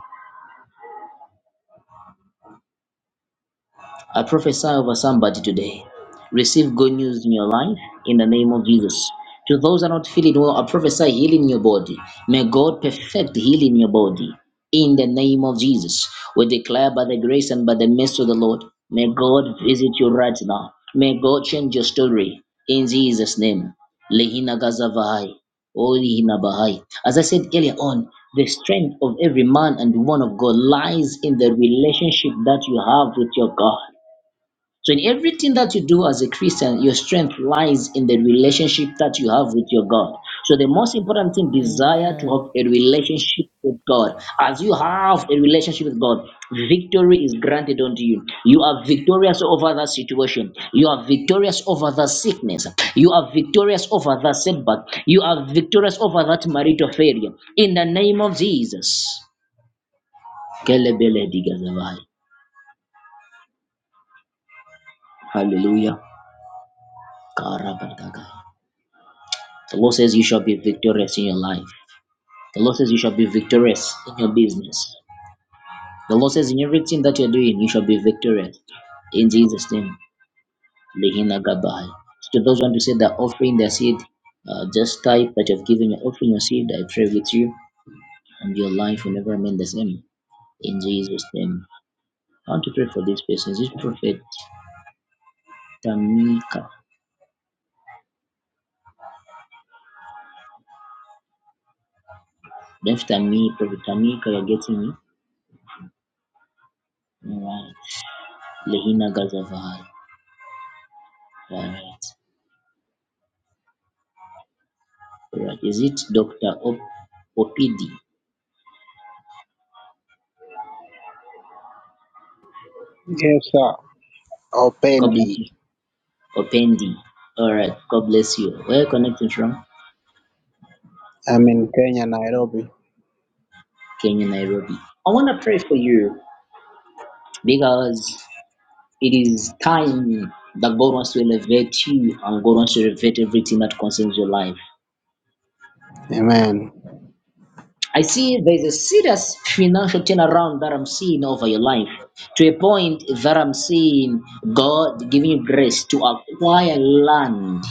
Speaker 1: I prophesy over somebody today. Receive good news in your life in the name of Jesus. To those that are not feeling well, I prophesy healing in your body. May God perfect healing in your body in the name of Jesus. We declare by the grace and by the mercy of the Lord, may God visit you right now. May God change your story in Jesus' name. Lehina Gazavahai. O Lehina Bahai. As I said earlier on, the strength of every man and woman of God lies in the relationship that you have with your God. So, in everything that you do as a Christian, your strength lies in the relationship that you have with your God. So, the most important thing, desire to
Speaker 7: Amen.
Speaker 1: have a relationship with God. As you have a relationship with God, victory is granted unto you. You are victorious over that situation. You are victorious over that sickness. You are victorious over that setback. You are victorious over that marital failure. In the name of Jesus. Kelebele digazavai. Hallelujah. Karabagaga. The Lord says you shall be victorious in your life. The Lord says you shall be victorious in your business. The Lord says in everything that you're doing, you shall be victorious. In Jesus' name, Lehina Gabai. So to those who want to say they're offering their seed, uh, just type that you've given your offering your seed. I pray with you, and your life will never remain the same. In Jesus' name. I want to pray for these persons. This prophet Tamika. Def Tamika, Prophet Tamika, you're getting me? Alright. Lehina Gazavai. Alright. Alright, is it Dr. Op- Opidi? God bless you. Opendi. Alright, God bless you. Where are you connecting from Kenya, Nairobi. I want to pray for you because it is time that God wants to elevate you and God wants to elevate everything that concerns your life. I see there's a serious financial turnaround that I'm seeing over your life to a point that I'm seeing God giving you grace to acquire land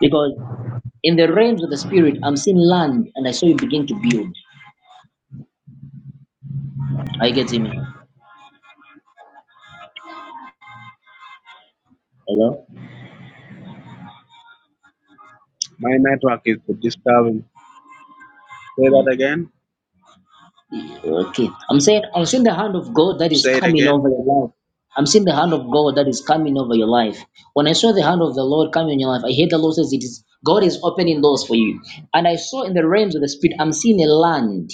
Speaker 1: because In the realms of the spirit, I'm seeing land and I saw you begin to build. Are you getting me? Hello?
Speaker 10: My network is disturbing. Say that
Speaker 1: Okay.
Speaker 10: again.
Speaker 1: Okay. I'm saying I'm seeing the hand of God that is
Speaker 10: Say it
Speaker 1: coming
Speaker 10: again.
Speaker 1: over your life. I'm seeing the hand of God that is coming over your life. When I saw the hand of the Lord coming in your life, I heard the Lord says it is God is opening doors for you. And I saw in the realms of the spirit, I'm seeing a land.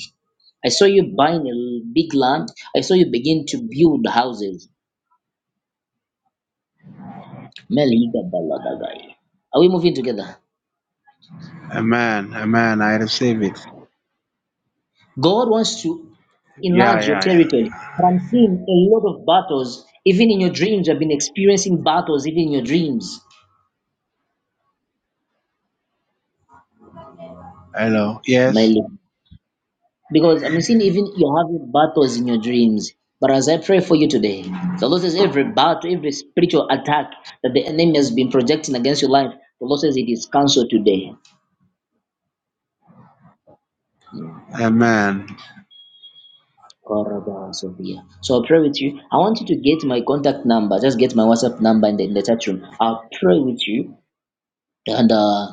Speaker 1: I saw you buying a big land. I saw you begin to build houses. Meliga baladagai. Are we moving together?
Speaker 10: Amen. Amen. I receive it.
Speaker 1: God wants to
Speaker 10: Yeah,
Speaker 1: enlarge your
Speaker 10: yeah, yeah.
Speaker 1: territory. But I'm seeing a lot of battles, even in your dreams. I've been experiencing battles, even in your dreams,
Speaker 10: Hello.
Speaker 1: my
Speaker 10: Yes.
Speaker 1: Lord. Because I'm seeing even you're having battles in your dreams. But as I pray for you today, the Lord says every battle, every spiritual attack that the enemy has been projecting against your life, the Lord says it is cancelled today.
Speaker 10: Amen.
Speaker 1: Koraba Sophia. So I'll pray with you. I want you to get my contact number. Just get my WhatsApp number in the, in the chat room. I'll pray with you. And uh,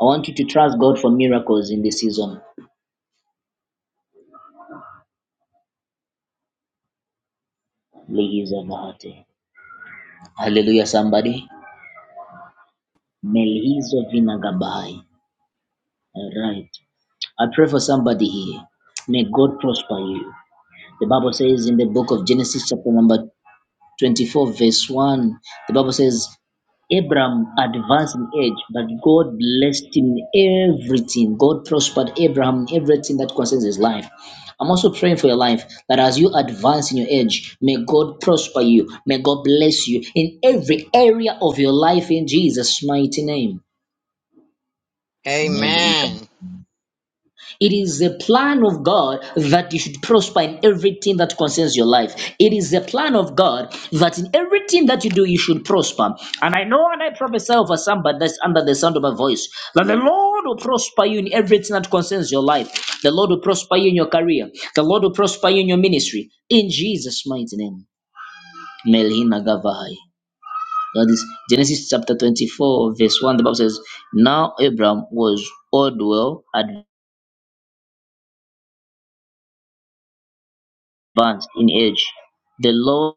Speaker 1: I want you to trust God for miracles in this season. Ligiza bahati. Hallelujah, somebody. Melihizo vinagabahai. All right. I pray for somebody here. May God prosper you. The Bible says in the book of Genesis, chapter number 24 verse 1 the bible says Abraham advanced in age, but God blessed him in everything. God prospered Abraham in everything that concerns his life. I'm also praying for your life that as you advance in your age, may God prosper you. May God bless you in every area of your life in Jesus' mighty name.
Speaker 8: amen.
Speaker 1: It is a plan of God that you should prosper in everything that concerns your life. It is a plan of God that in everything that you do, you should prosper. And I know and I prophesy over somebody that's under the sound of my voice that the Lord will prosper you in everything that concerns your life. The Lord will prosper you in your career. The Lord will prosper you in your ministry. In Jesus' mighty name. Melhina Gavahai. That is Genesis chapter 24, verse 1. The Bible says, Now Abram was old well advanced advanced in age, the Lord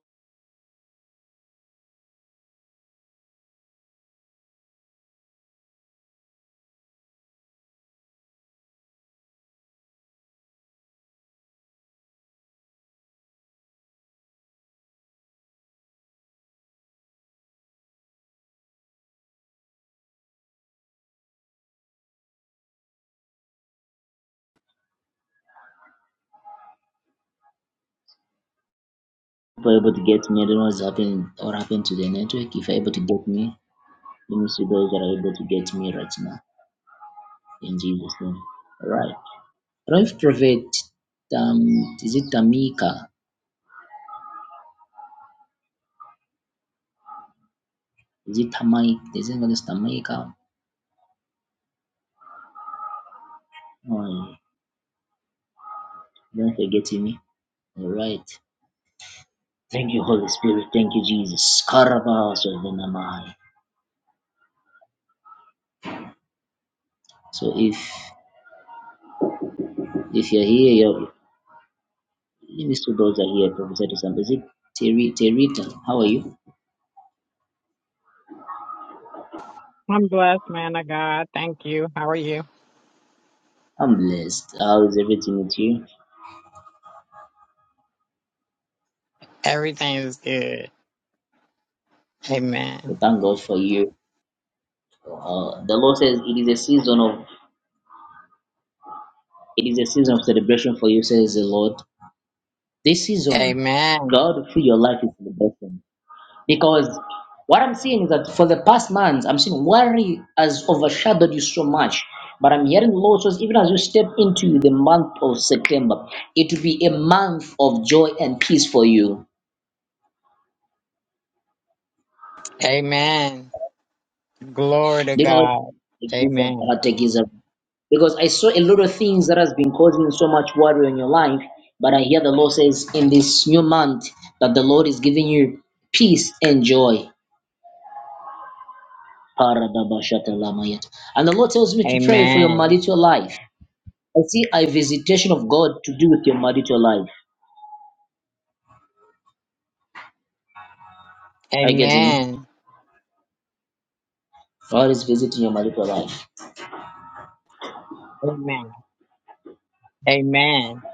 Speaker 1: were able to get me. I don't know what's happening or happened to the network. If you're able to get me, let me see those that are able to get me right now. In Jesus' name. All right. Rev Prophet, um, is it Tamika? Is it Tamai? Is it going to Tamika? Oh, don't forget me. All right. Thank you, Holy Spirit. Thank you, Jesus. Karabas of the Namai. So if if you're here, you're, let me see those that are here. Professor Sam, is it Terry? Terita, how are you?
Speaker 8: I'm blessed, man of God. Thank you. How are you?
Speaker 1: I'm blessed. How is everything with you?
Speaker 8: Everything is good. Amen.
Speaker 1: We thank God for you. Uh, the Lord says it is a season of it is a season of celebration for you, says the Lord. This season,
Speaker 8: Amen.
Speaker 1: God through your life is celebration. Because what I'm seeing is that for the past months, I'm seeing worry has overshadowed you so much. But I'm hearing the Lord says, even as you step into the month of September, it will be a month of joy and peace for you.
Speaker 8: Amen. Glory to
Speaker 1: because
Speaker 8: God.
Speaker 1: it is
Speaker 8: Amen.
Speaker 1: about it is about- because I saw a lot of things that has been causing so much worry in your life, but I hear the Lord says in this new month that the Lord is giving you peace and joy. Paradabashatalamaya. And the Lord tells me to pray for your
Speaker 8: Amen.
Speaker 1: marital life. I see a visitation of God to do with your marital life. Are you getting me?
Speaker 8: Amen.
Speaker 1: God is visiting your marital life.
Speaker 8: Amen. Amen.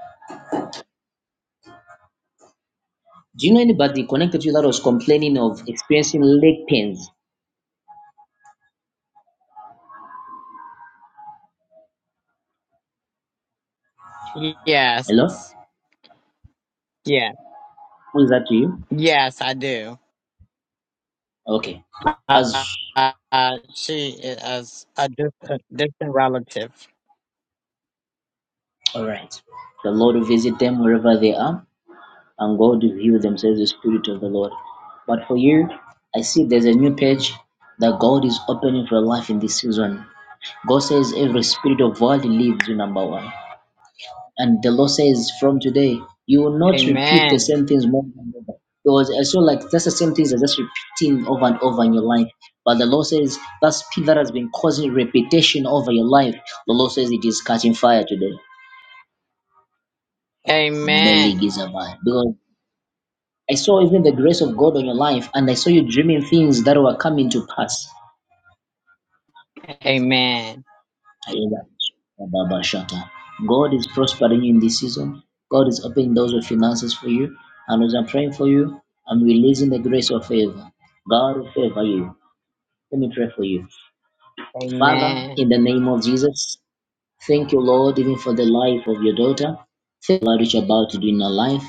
Speaker 1: Do you know anybody connected to you that was complaining of experiencing leg pains?
Speaker 8: Yes.
Speaker 1: Hello?
Speaker 8: Yeah.
Speaker 1: Who is that to you?
Speaker 8: Yes, I do.
Speaker 1: Okay.
Speaker 8: Uh,
Speaker 1: As
Speaker 8: uh, uh, she is a distant, distant relative.
Speaker 1: All right. The Lord will visit them wherever they are, and God will heal them, the Spirit of the Lord. But for you, I see there's a new page that God is opening for your life in this season. God says every spirit of world leaves you, number one. And the Lord says from today, you will not repeat the
Speaker 8: Amen.
Speaker 1: same things more than ever. Because I saw like that's the same things are just repeating over and over in your life. But the Lord says that spirit that has been causing repetition over your life, the Lord says it is catching fire today.
Speaker 8: Amen.
Speaker 1: Meligizamai. Because I saw even the grace of God on your life, and I saw you dreaming things that were coming to pass.
Speaker 8: Amen.
Speaker 1: I hear that. Baba Shata. God is prospering you in this season. God is opening doors of finances for you. And as I'm praying for you, I'm releasing the grace of favor. God will favor you. Let me pray for you. Father, in
Speaker 8: Amen.
Speaker 1: the name of Jesus, thank you, Lord, even for the life of your daughter. Thank you, Lord, what you're about to do in her life.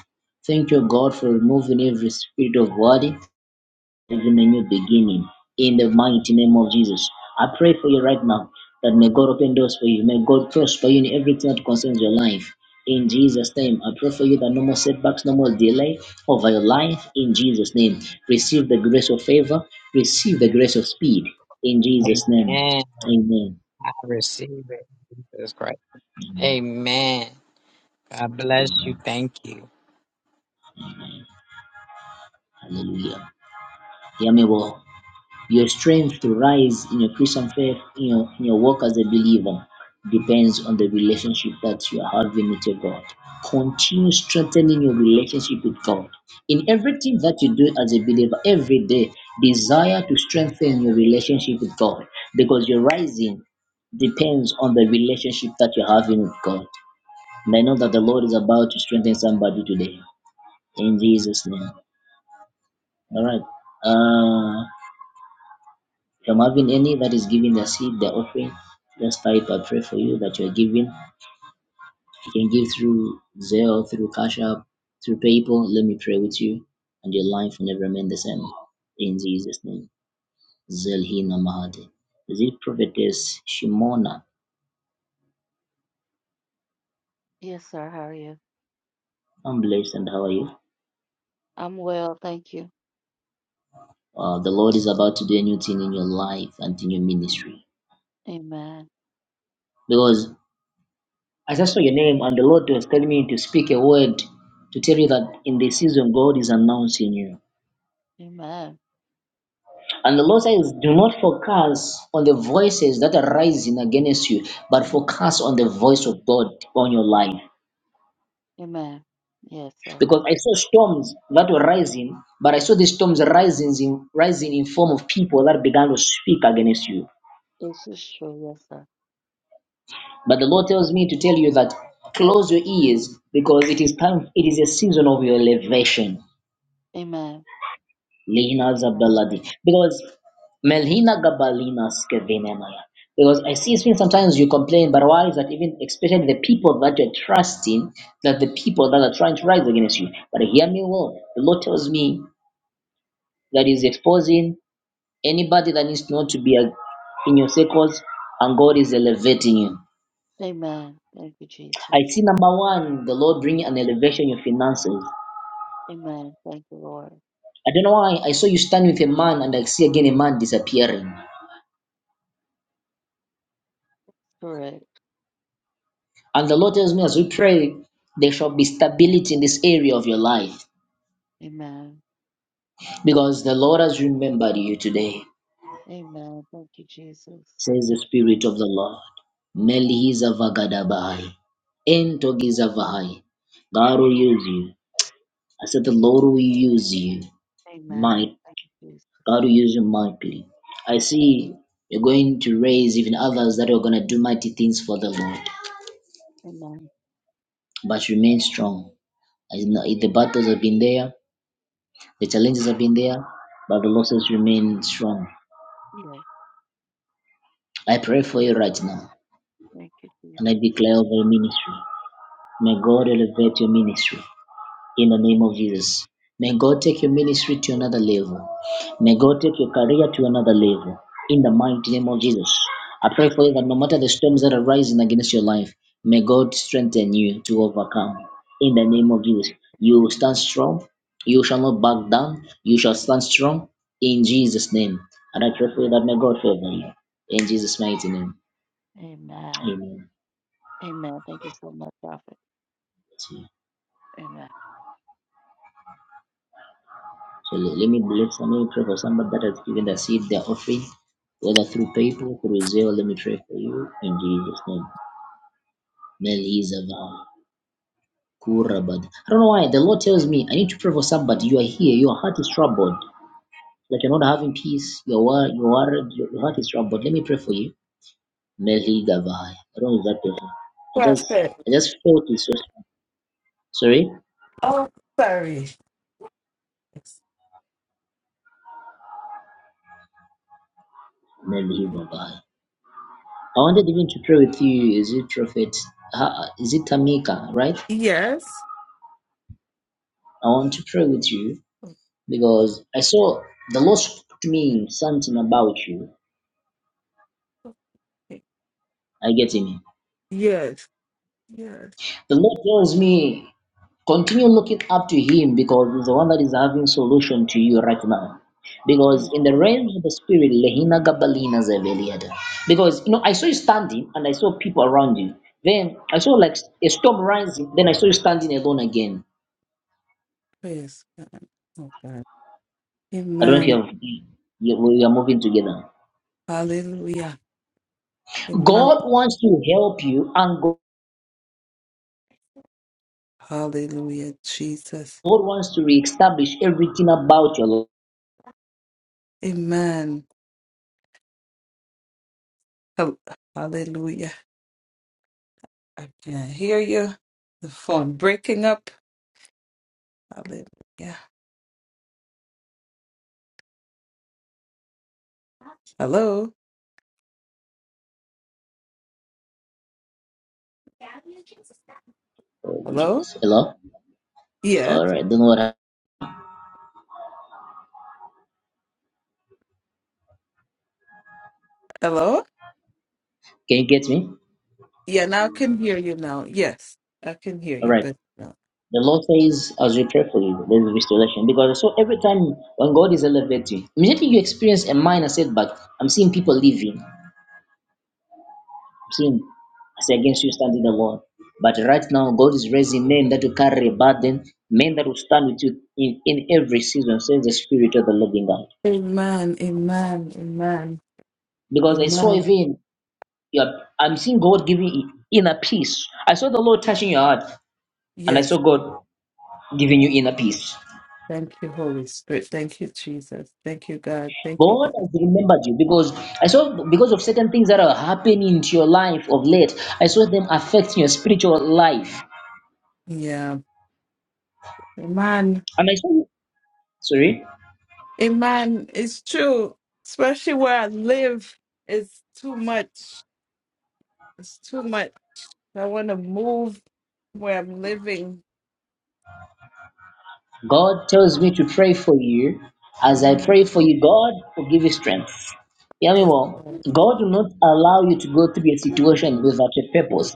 Speaker 1: Thank you, God, for removing every spirit of worry. This is in a new beginning in the mighty name of Jesus. I pray for you right now that may God open doors for you. May God prosper you in everything that concerns your life. In Jesus' name, I pray for you that no more setbacks, no more delay over your life. In Jesus' name, receive the grace of favor, receive the grace of speed. In Jesus' name,
Speaker 8: Amen.
Speaker 1: amen.
Speaker 8: I receive it. Jesus Christ.
Speaker 1: Amen.
Speaker 8: Amen. God bless you.
Speaker 1: Amen.
Speaker 8: Thank you.
Speaker 1: Hallelujah. Hear me well. Your strength to rise in your Christian faith, in your, in your work as a believer, depends on the relationship that you are having with your God. Continue strengthening your relationship with God. In everything that you do as a believer every day, desire to strengthen your relationship with God because your rising depends on the relationship that you're having with God. And I know that the Lord is about to strengthen somebody today in Jesus' name. All right. Uh, From having any that is giving the seed, the offering, just type I pray for you that you're giving. You can give through Zelle, through Cash App, through PayPal. Let me pray with you, and your life will never remain the same. In Jesus' name. Zelhina Mahade. Is it prophetess Shimona?
Speaker 11: Yes, sir. How are you?
Speaker 1: I'm blessed, and how are you?
Speaker 11: I'm well, thank you.
Speaker 1: Uh, the Lord is about to do a new thing in your life and in your ministry.
Speaker 11: Amen.
Speaker 1: Because I just saw your name, and the Lord was telling me to speak a word to tell you that in this season, God is announcing you.
Speaker 11: Amen.
Speaker 1: And the Lord says, Do not focus on the voices that are rising against you, but focus on
Speaker 11: Mhm.
Speaker 1: the voice of God on your life.
Speaker 11: Amen. Yes, sir.
Speaker 1: Because I saw storms that were rising, but I saw these storms rising in, rising in form of people that began to speak against you.
Speaker 11: This is true. Yes, sir.
Speaker 1: But the Lord tells me to tell you that close your ears because it is time, it is a season of your elevation.
Speaker 11: Amen.
Speaker 1: Lina
Speaker 11: Amen.
Speaker 1: Zabeladi. Because Melhina Gabalina Skevinenaya. Because I see sometimes you complain, but why is that even especially the people that you're trusting, that the people that are trying to rise against you? But hear me well. The Lord tells me that is exposing anybody that needs not to be a, in your circles, and God is elevating you.
Speaker 11: Amen. Thank you,
Speaker 1: I
Speaker 11: Jesus.
Speaker 1: see number one, the Lord bringing an elevation in your finances.
Speaker 11: Amen. Thank you, Lord.
Speaker 1: I don't know why I saw you stand with a man and I see again a man disappearing.
Speaker 11: Correct.
Speaker 1: And the Lord tells me as we pray, there shall be stability in this area of your life
Speaker 11: Amen.
Speaker 1: because the Lord has remembered you today,
Speaker 11: Amen. Thank you, Jesus.
Speaker 1: says the
Speaker 11: Thank you.
Speaker 1: Spirit of the Lord. Melihiza vagadabahai, entogiza vahai. God will
Speaker 11: Lord.
Speaker 1: use you. I said, The Lord will use you.
Speaker 11: Amen.
Speaker 1: Might
Speaker 11: Thank you, Jesus.
Speaker 1: God will use you mightily. I see you're going to raise even others that are going to do mighty things for the Lord.
Speaker 11: Amen.
Speaker 1: But remain strong. I know The battles have been there, The challenges have been there, but the losses remain strong.
Speaker 11: Yes.
Speaker 1: I pray for you right now,
Speaker 11: Thank you,
Speaker 1: and I
Speaker 11: Jesus.
Speaker 1: declare over your ministry. May God elevate your ministry. in the name
Speaker 11: Amen.
Speaker 1: of Jesus. May God take your ministry to another level. May God take your career to another level. In the mighty name of Jesus. I pray for you
Speaker 11: Thank
Speaker 1: that no matter the storms that are rising against your life, may God strengthen you to overcome. In the
Speaker 11: you.
Speaker 1: name of Jesus. You will
Speaker 11: Yes.
Speaker 1: stand strong. You shall not back down. You shall stand strong in Jesus' name. And I
Speaker 11: Thank
Speaker 1: pray for
Speaker 11: you.
Speaker 1: you that may God favor you. In Jesus' mighty name.
Speaker 11: Amen.
Speaker 1: Amen.
Speaker 11: Amen. Thank you so much, Prophet. Amen.
Speaker 1: So let, let me let somebody pray for somebody that has given the seed, their offering, whether through PayPal, through Zelle. Let me pray for you in Jesus' name. Melizava, Kurabad. I don't know why. The Lord tells me I need to pray for somebody. You are here. Your heart is troubled. That you're not having peace. You're worried. You're worried. Your your heart is troubled. Let me pray for you. Melizava. I don't know that person. I just
Speaker 12: Perfect.
Speaker 1: I just felt it's just sorry.
Speaker 12: Oh, sorry.
Speaker 1: Melizava. I wanted even to pray with you. Is it Prophet? Ha- Is it Tamika? Right?
Speaker 12: Yes.
Speaker 1: I want to pray with you because I saw the Lord spoke to me something about you.
Speaker 12: Okay,
Speaker 1: I get in. it.
Speaker 12: Yes. Yes.
Speaker 1: The Lord tells me continue looking up to Him because He's the one that is having solution to you right now.
Speaker 12: Please,
Speaker 1: Because in the realm of the spirit, Lehina Gabalina Zeveliada. Because you know, I saw you standing and I saw people around you. Then I saw like a storm rising. Then I saw you standing alone again.
Speaker 12: praise God. Oh, God.
Speaker 1: I don't know if you
Speaker 12: Amen.
Speaker 1: have you, we are moving together.
Speaker 12: Hallelujah. Amen.
Speaker 1: God wants to help you and God
Speaker 12: Hallelujah, Jesus.
Speaker 1: God wants to reestablish everything about your life.
Speaker 12: Amen. Hal- Hallelujah. I can hear you. The phone breaking up. Hallelujah. Hello.
Speaker 1: Oh,
Speaker 12: Hello.
Speaker 1: Jesus. Hello?
Speaker 12: Yeah.
Speaker 1: All right. Don't know what happened.
Speaker 12: Hello.
Speaker 1: Can you get me?
Speaker 12: Yeah. Now I can hear you. Now. Yes, I can hear
Speaker 1: All
Speaker 12: you.
Speaker 1: right.
Speaker 12: But.
Speaker 1: The Lord says, as we pray for you, there is restoration. Because so every time when God is elevating, immediately you experience a minor setback. I'm seeing people leaving. I'm seeing, I say, against you standing alone. But right now, God is raising men that will carry a burden, men that will stand with you in, in every season, says the Spirit of the living God.
Speaker 12: Amen, amen, amen,
Speaker 1: Because I saw
Speaker 12: amen.
Speaker 1: even Yep. I'm seeing God giving you inner peace. I saw the Lord touching your heart, and I
Speaker 12: Yes,
Speaker 1: saw God giving you inner peace.
Speaker 12: thank you, Holy Spirit. Thank you, Jesus. Thank you, God. Thank you,
Speaker 1: God
Speaker 12: God.
Speaker 1: has remembered you because I saw because of certain things that are happening to your life of late. I saw them affecting your spiritual life,
Speaker 12: Yeah, amen,
Speaker 1: and I saw. Sorry.
Speaker 12: amen. It's true, especially where I live. It's too much. It's too much. I want to move where I'm living.
Speaker 1: God tells me to pray for you. As I
Speaker 12: Amen.
Speaker 1: pray for you, God will give you strength. Hear me
Speaker 12: Yes.
Speaker 1: well.
Speaker 12: God.
Speaker 1: God will not allow you to go through a situation without a purpose.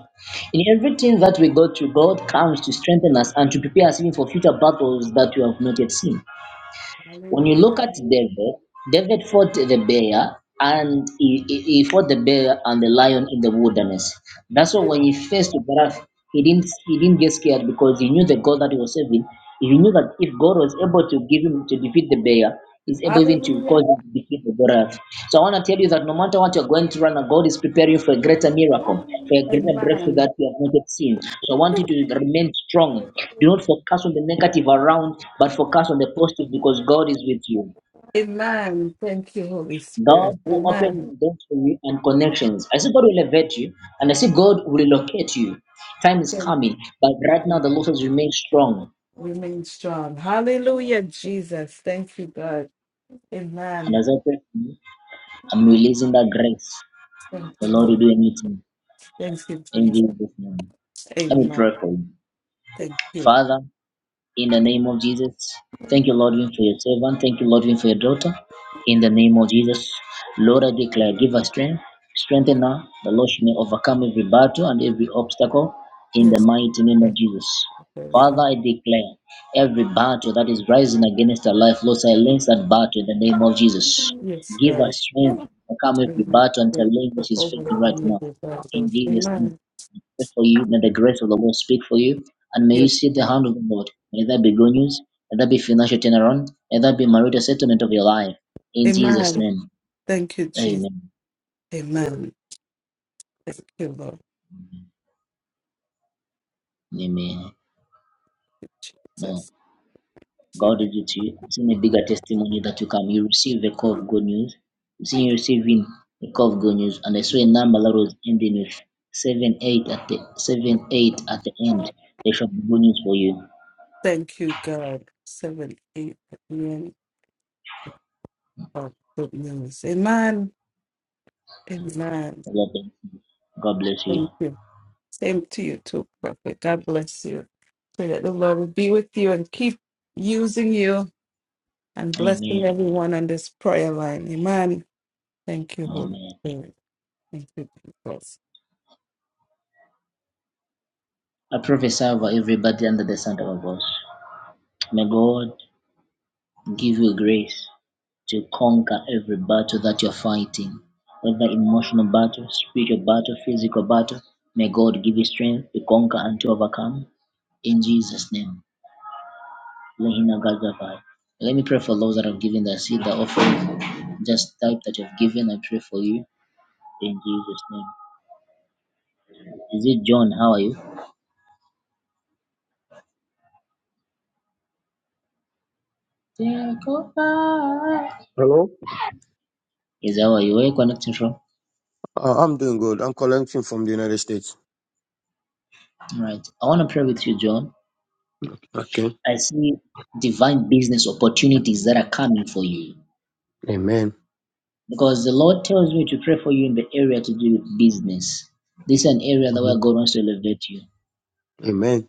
Speaker 1: In everything that we go through, God comes to strengthen us and to prepare us even for future battles that we have not yet seen. When you look
Speaker 12: Hallelujah.
Speaker 1: at David, David fought the bear and he, he, he fought the bear and the lion in the wilderness. That's why when he faced Goliath, he didn't he didn't get scared because he knew the God that he was serving. He knew that if God was able to give him to defeat the bear, is able even to cause
Speaker 12: Hallelujah.
Speaker 1: you to defeat the Goliath. So I want to tell you that no matter what you're going through right now, God is preparing you for a greater miracle, for a greater breakthrough that you have not yet seen. So I want you to remain strong. Do not focus on the negative around, but focus on the positive
Speaker 12: Amen.
Speaker 1: because God is with you.
Speaker 12: Amen. Thank you, Holy
Speaker 1: God
Speaker 12: Spirit.
Speaker 1: will open
Speaker 12: Amen.
Speaker 1: doors for you and connections. I see God will elevate you, and I see God will relocate you. Time is
Speaker 12: Thank
Speaker 1: coming, but right now the
Speaker 12: you.
Speaker 1: Lord says remain strong.
Speaker 12: Remain strong. Hallelujah, Jesus. Thank you, God.
Speaker 1: And
Speaker 12: Amen.
Speaker 1: as I pray, for you, I'm releasing that grace.
Speaker 12: Thank
Speaker 1: The
Speaker 12: you,
Speaker 1: Lord will
Speaker 12: Lord.
Speaker 1: do anything.
Speaker 12: Thank you,
Speaker 1: In
Speaker 12: Jesus.
Speaker 1: Jesus' name. Let me
Speaker 12: Amen.
Speaker 1: pray for you.
Speaker 12: Thank you.
Speaker 1: Father, in the name of Jesus, thank you, Lord, even for your servant. Thank you, Lord, even for your daughter. In the name of Jesus, Lord, I declare, give her strength. Strengthen her. The Lord she may overcome every battle and every obstacle in the
Speaker 12: Yes,
Speaker 1: mighty name
Speaker 12: God.
Speaker 1: of Jesus.
Speaker 12: Very
Speaker 1: Father, I declare every battle that is rising against her life, Lord, silence that battle in the name
Speaker 12: up.
Speaker 1: of Jesus.
Speaker 12: Yes,
Speaker 1: Give her
Speaker 12: God.
Speaker 1: strength
Speaker 12: Amen.
Speaker 1: to overcome every battle and challenge that she's
Speaker 12: Over
Speaker 1: facing
Speaker 12: the
Speaker 1: right
Speaker 12: family
Speaker 1: now.
Speaker 12: of God.
Speaker 1: In Jesus' name
Speaker 12: Amen.
Speaker 1: pray for you. May the grace of the Lord speak for you. And may you
Speaker 12: Yes,
Speaker 1: see the
Speaker 12: God.
Speaker 1: hand of the Lord. May that be good news. May that be financial turnaround. May that be marital settlement of your life. In Jesus'
Speaker 12: Amen.
Speaker 1: name.
Speaker 12: Thank you, Jesus.
Speaker 1: Amen.
Speaker 12: Amen. Thank you, Lord.
Speaker 1: Amen.
Speaker 12: Thank
Speaker 1: No.
Speaker 12: you,
Speaker 1: God is with you. I'm seeing a bigger testimony that you come. You receive a call of good news. I'm seeing you receiving a call of good news. And I saw a
Speaker 12: Jesus.
Speaker 1: number that was ending with seven eight at the seven eight at the end. There shall be good news for you.
Speaker 12: Thank you, God. 7, 8 million of good news. Amen. Amen.
Speaker 1: God bless you.
Speaker 12: Thank you. Same to you too, Prophet. God bless you. Pray that the Lord will be with you and keep using you and blessing
Speaker 1: Amen.
Speaker 12: everyone on this prayer line. Amen. Thank you, Holy
Speaker 1: Amen.
Speaker 12: Spirit. Thank you, Jesus.
Speaker 1: I a server everybody under the sound of our voice. May God give you grace to conquer every battle that you're fighting, whether emotional battle, spiritual battle, physical battle. May God give you strength to conquer and to overcome. In Jesus' name. Lehina Gazavai. Let me pray for those that have given their seed, their offering. Just type that you've given. I pray for you. In Jesus' name. Is it John? How are you?
Speaker 13: Hello?
Speaker 1: Is how are you? Where are you connecting from?
Speaker 13: Uh, I'm doing good. I'm collecting from the United States.
Speaker 1: All right. I want to pray with you, John.
Speaker 13: Okay.
Speaker 1: I see divine business opportunities that are coming for you.
Speaker 13: Amen.
Speaker 1: Because the Lord tells me to pray for you in the area to do with business. This is an area that where
Speaker 13: Amen.
Speaker 1: God wants to elevate you.
Speaker 13: Amen.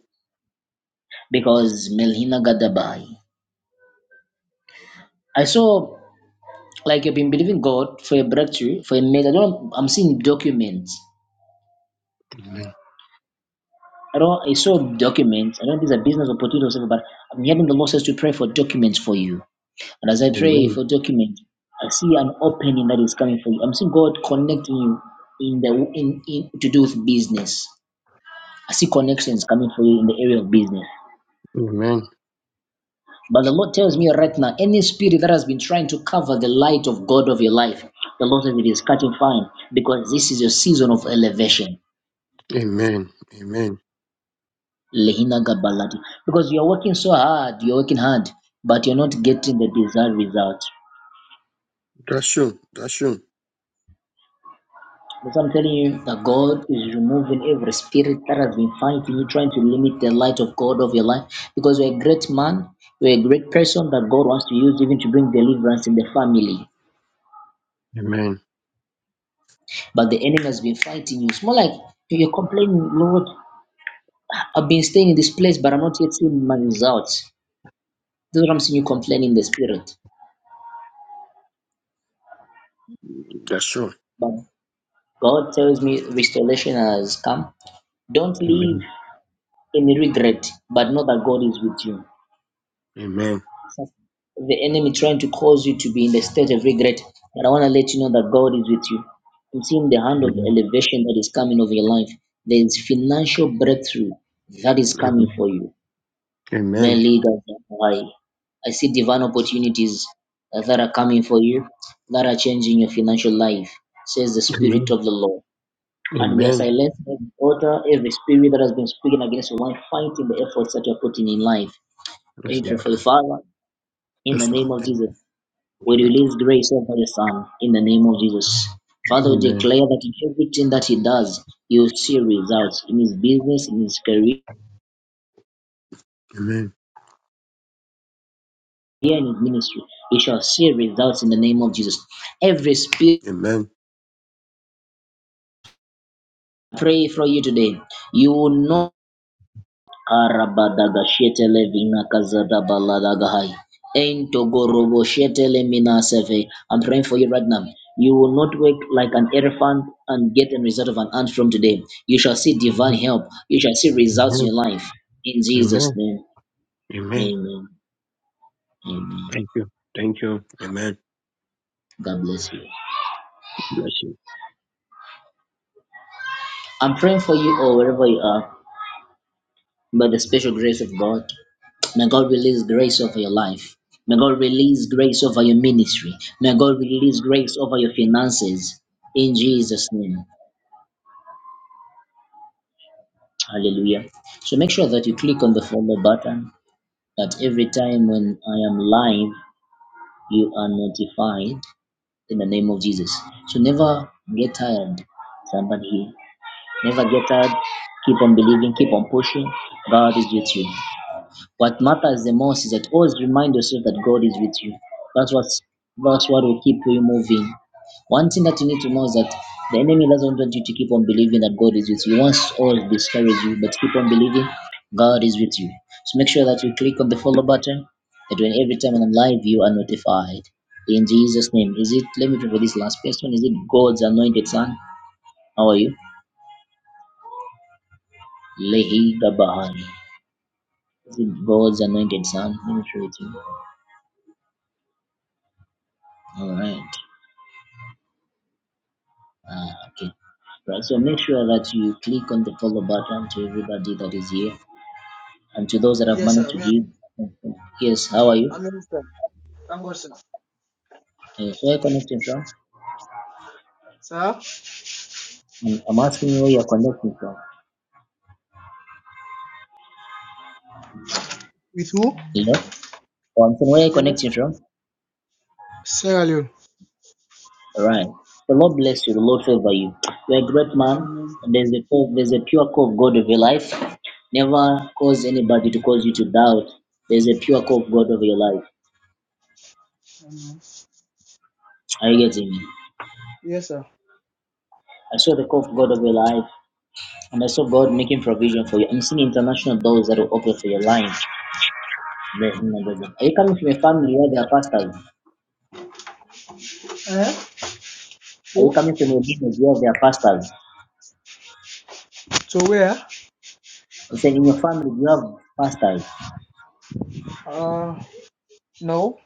Speaker 1: Because Melhina Gadabai. I saw like you've been believing God for a breakthrough, for a mega. I don't I'm seeing documents. I don't I saw documents. I don't think it's a business opportunity or something, but I'm hearing the Lord says to pray for documents for you And as I pray
Speaker 13: Amen.
Speaker 1: for document, I see an opening that is coming for you. I'm seeing God connecting you in the in, in to do with business. I see connections coming for you in the area of business.
Speaker 13: Amen.
Speaker 1: But the Lord tells me right now, any spirit that has been trying to cover the light of God of your life, the Lord says it is catching fire because this is your season of elevation.
Speaker 13: Amen. Amen.
Speaker 1: Lehina Gabalati. Because you are working so hard, you're working hard, but you're not getting the desired result.
Speaker 13: That's true. That's true.
Speaker 1: But I'm telling you that God is removing every spirit that has been fighting you, trying to limit the light of God of your life. Because you're a great man, you're a great person that God wants to use even to bring deliverance in the family.
Speaker 13: Amen.
Speaker 1: But the enemy has been fighting you. It's more like you're complaining, Lord, I've been staying in this place, but I'm not yet seeing my results. This is what I'm seeing you complaining in the spirit.
Speaker 13: That's true.
Speaker 1: But God tells me restoration has come. Don't live
Speaker 13: Amen.
Speaker 1: in regret, but know that God is with you.
Speaker 13: Amen.
Speaker 1: the enemy trying to cause you to be in the state of regret. But I want to let you know that God is with you. I'm seeing the hand of
Speaker 13: Amen.
Speaker 1: elevation that is coming over your life. There is financial breakthrough that is coming
Speaker 13: Amen.
Speaker 1: for you.
Speaker 13: Amen.
Speaker 1: Meliga Zahai. I see divine opportunities uh, that are coming for you, that are changing your financial life, says the Spirit
Speaker 13: Amen.
Speaker 1: of the Lord. And we are
Speaker 13: Amen.
Speaker 1: silent, every altar, every spirit that has been speaking against your life, fighting the efforts that you're putting in life. Let me
Speaker 13: Yes,
Speaker 1: pray
Speaker 13: Lord.
Speaker 1: for you, Father, in the
Speaker 13: Yes, Lord.
Speaker 1: name of
Speaker 13: Thank
Speaker 1: Jesus.
Speaker 13: you.
Speaker 1: We
Speaker 13: Yes, Lord.
Speaker 1: release grace over your son in the name of Jesus. Father, we
Speaker 13: Amen.
Speaker 1: declare that in everything that he does, you will see results in his business, in his career,
Speaker 13: Amen.
Speaker 1: in his ministry. You shall see results in the name of Jesus. Every spirit
Speaker 13: Amen.
Speaker 1: I pray for you today, you will know. Arabadaga shetele vina kazada baladaga hai. shetele mina I'm praying for you right now. You will not wake like an elephant and get a result of an ant from today. You shall see divine help. You shall see results in
Speaker 13: Amen.
Speaker 1: your life. In Jesus'
Speaker 13: Amen.
Speaker 1: name.
Speaker 13: Amen.
Speaker 1: Amen. Amen.
Speaker 13: Thank you. Thank you. Amen.
Speaker 1: God bless you.
Speaker 13: Bless you.
Speaker 1: I'm praying for you all wherever you are. by the special grace of God. May God release grace over your life. May God release grace over your ministry. May God release grace over your finances. In Jesus' name. Hallelujah. So make sure that you click on the follow button that every time when I am live, you are notified in the name of Jesus. So never get tired, somebody here. Never get tired. Keep on believing, keep on pushing. God is with you. What matters the most is that always remind yourself that God is with you. That's what's that's what will keep you moving. One thing that you need to know is that the enemy doesn't want you to keep on believing that God is with you. He wants to always discourage you, but keep on believing God is with you. So make sure that you click on the follow button that when every time when I'm live you are notified. In Jesus' name. Is it let me pray for this last person? Is it God's anointed son? How are you? Lehi Gabahani. Is it God's anointed son? Let me pray to you. Alright. Ah, okay. Right. So make sure that you click on the follow button to everybody that is here and to those that have
Speaker 14: Yes,
Speaker 1: managed
Speaker 14: sir.
Speaker 1: to
Speaker 14: We are-
Speaker 1: give. Yes, how are you?
Speaker 14: I'm in, sir. Thank God, sir.
Speaker 1: Yes, where are you connecting from?
Speaker 14: Sir?
Speaker 1: I'm, I'm asking you where you're connecting from.
Speaker 14: With who?
Speaker 1: You know? Oh, I'm saying where are you connecting
Speaker 14: Yes.
Speaker 1: from?
Speaker 14: Sierra Leone.
Speaker 1: All right. The Lord bless you. The Lord favor you. You're a great man.
Speaker 14: Amen.
Speaker 1: And there's a core- there's a pure call of God of your life. Never cause anybody to cause you to doubt. There's a pure call of God of your life.
Speaker 14: Amen.
Speaker 1: Are you getting me?
Speaker 14: Yes, sir.
Speaker 1: I saw the call of God of your life. And I saw God making provision for you. I'm seeing international doors that will open for your line. Yes, in
Speaker 14: Mm.
Speaker 1: the business. Are you coming from a family where there are pastors?
Speaker 14: Eh?
Speaker 1: Are
Speaker 14: Who?
Speaker 1: you coming from a business where there are pastors?
Speaker 14: To where?
Speaker 1: I'm saying in your family you have pastors.
Speaker 14: Uh, no.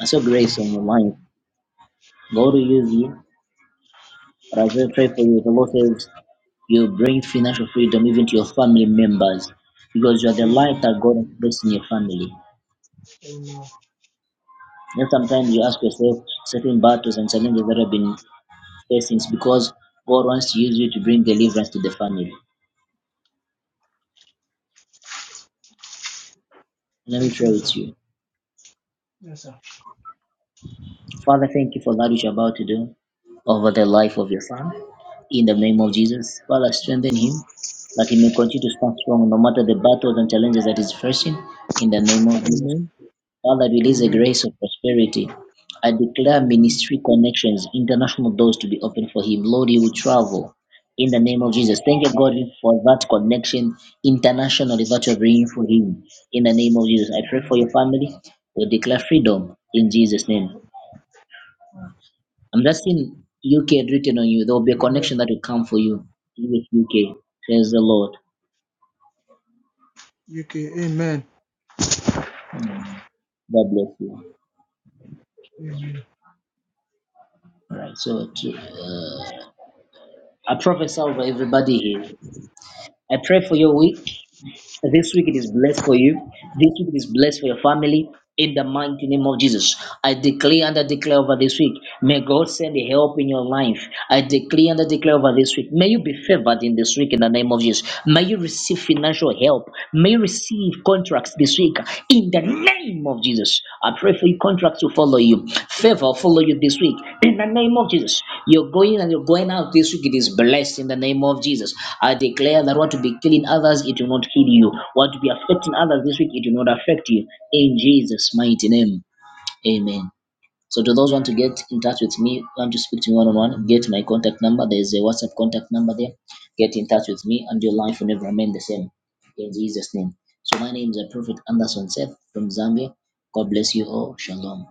Speaker 1: I saw grace on your life. God will use you. But I will pray for you. The Lord says you bring financial freedom even to your family members because you are the light
Speaker 14: Amen.
Speaker 1: that God has placed in your family.
Speaker 14: Amen.
Speaker 1: And sometimes you ask yourself certain battles and challenges that have been facing it's because God wants to use you to bring deliverance to the family. Let
Speaker 14: So
Speaker 1: me pray
Speaker 14: true, sir.
Speaker 1: with you.
Speaker 14: Yes, sir.
Speaker 1: Father, thank you for that which you're about to do over the life of your son. In the name of Jesus, Father, strengthen him that he may continue to stand strong no matter the battles and challenges that he's facing. In the name of Jesus,
Speaker 14: Amen.
Speaker 1: Father, release a
Speaker 14: Amen.
Speaker 1: grace of prosperity. I declare
Speaker 14: Amen.
Speaker 1: ministry connections, international doors to be open for him. Lord, he will travel in the name of Jesus. Thank you, God, for that connection internationally that you are bringing for him in the name of Jesus. I pray for your family. We declare freedom in Jesus' name. I'm just seeing UK written on you. There will be a
Speaker 14: Amen.
Speaker 1: connection that will come for you with UK. Praise the Lord.
Speaker 14: UK. Amen.
Speaker 1: Mm. God bless you.
Speaker 14: Amen.
Speaker 1: All right. So, to, uh, I prophesy over everybody here. I pray for your week. This week it is blessed for you. This week it is blessed for your family. In the mighty name of Jesus, I declare and I declare over this week. May God send a help in your life. I declare and I declare over this week. May you be favored in this week in the name of Jesus. May you receive financial help. May you receive contracts this week. In the name of Jesus, I pray for your contracts to follow you. Favor follow you this week. In the name of Jesus, you're going and you're going out this week. It is blessed in the name of Jesus. I declare that what to be killing others, it will not kill you. What to be affecting others this week, it will not affect you. In Jesus' mighty name, Amen. So to those want to get in touch with me, want to speak to me one on one, get my contact number. There's a WhatsApp contact number there. Get in touch with me, and your life will never remain the same. In Jesus' name. So my name is Prophet Anderson Seth from Zambia. God bless you all. Shalom.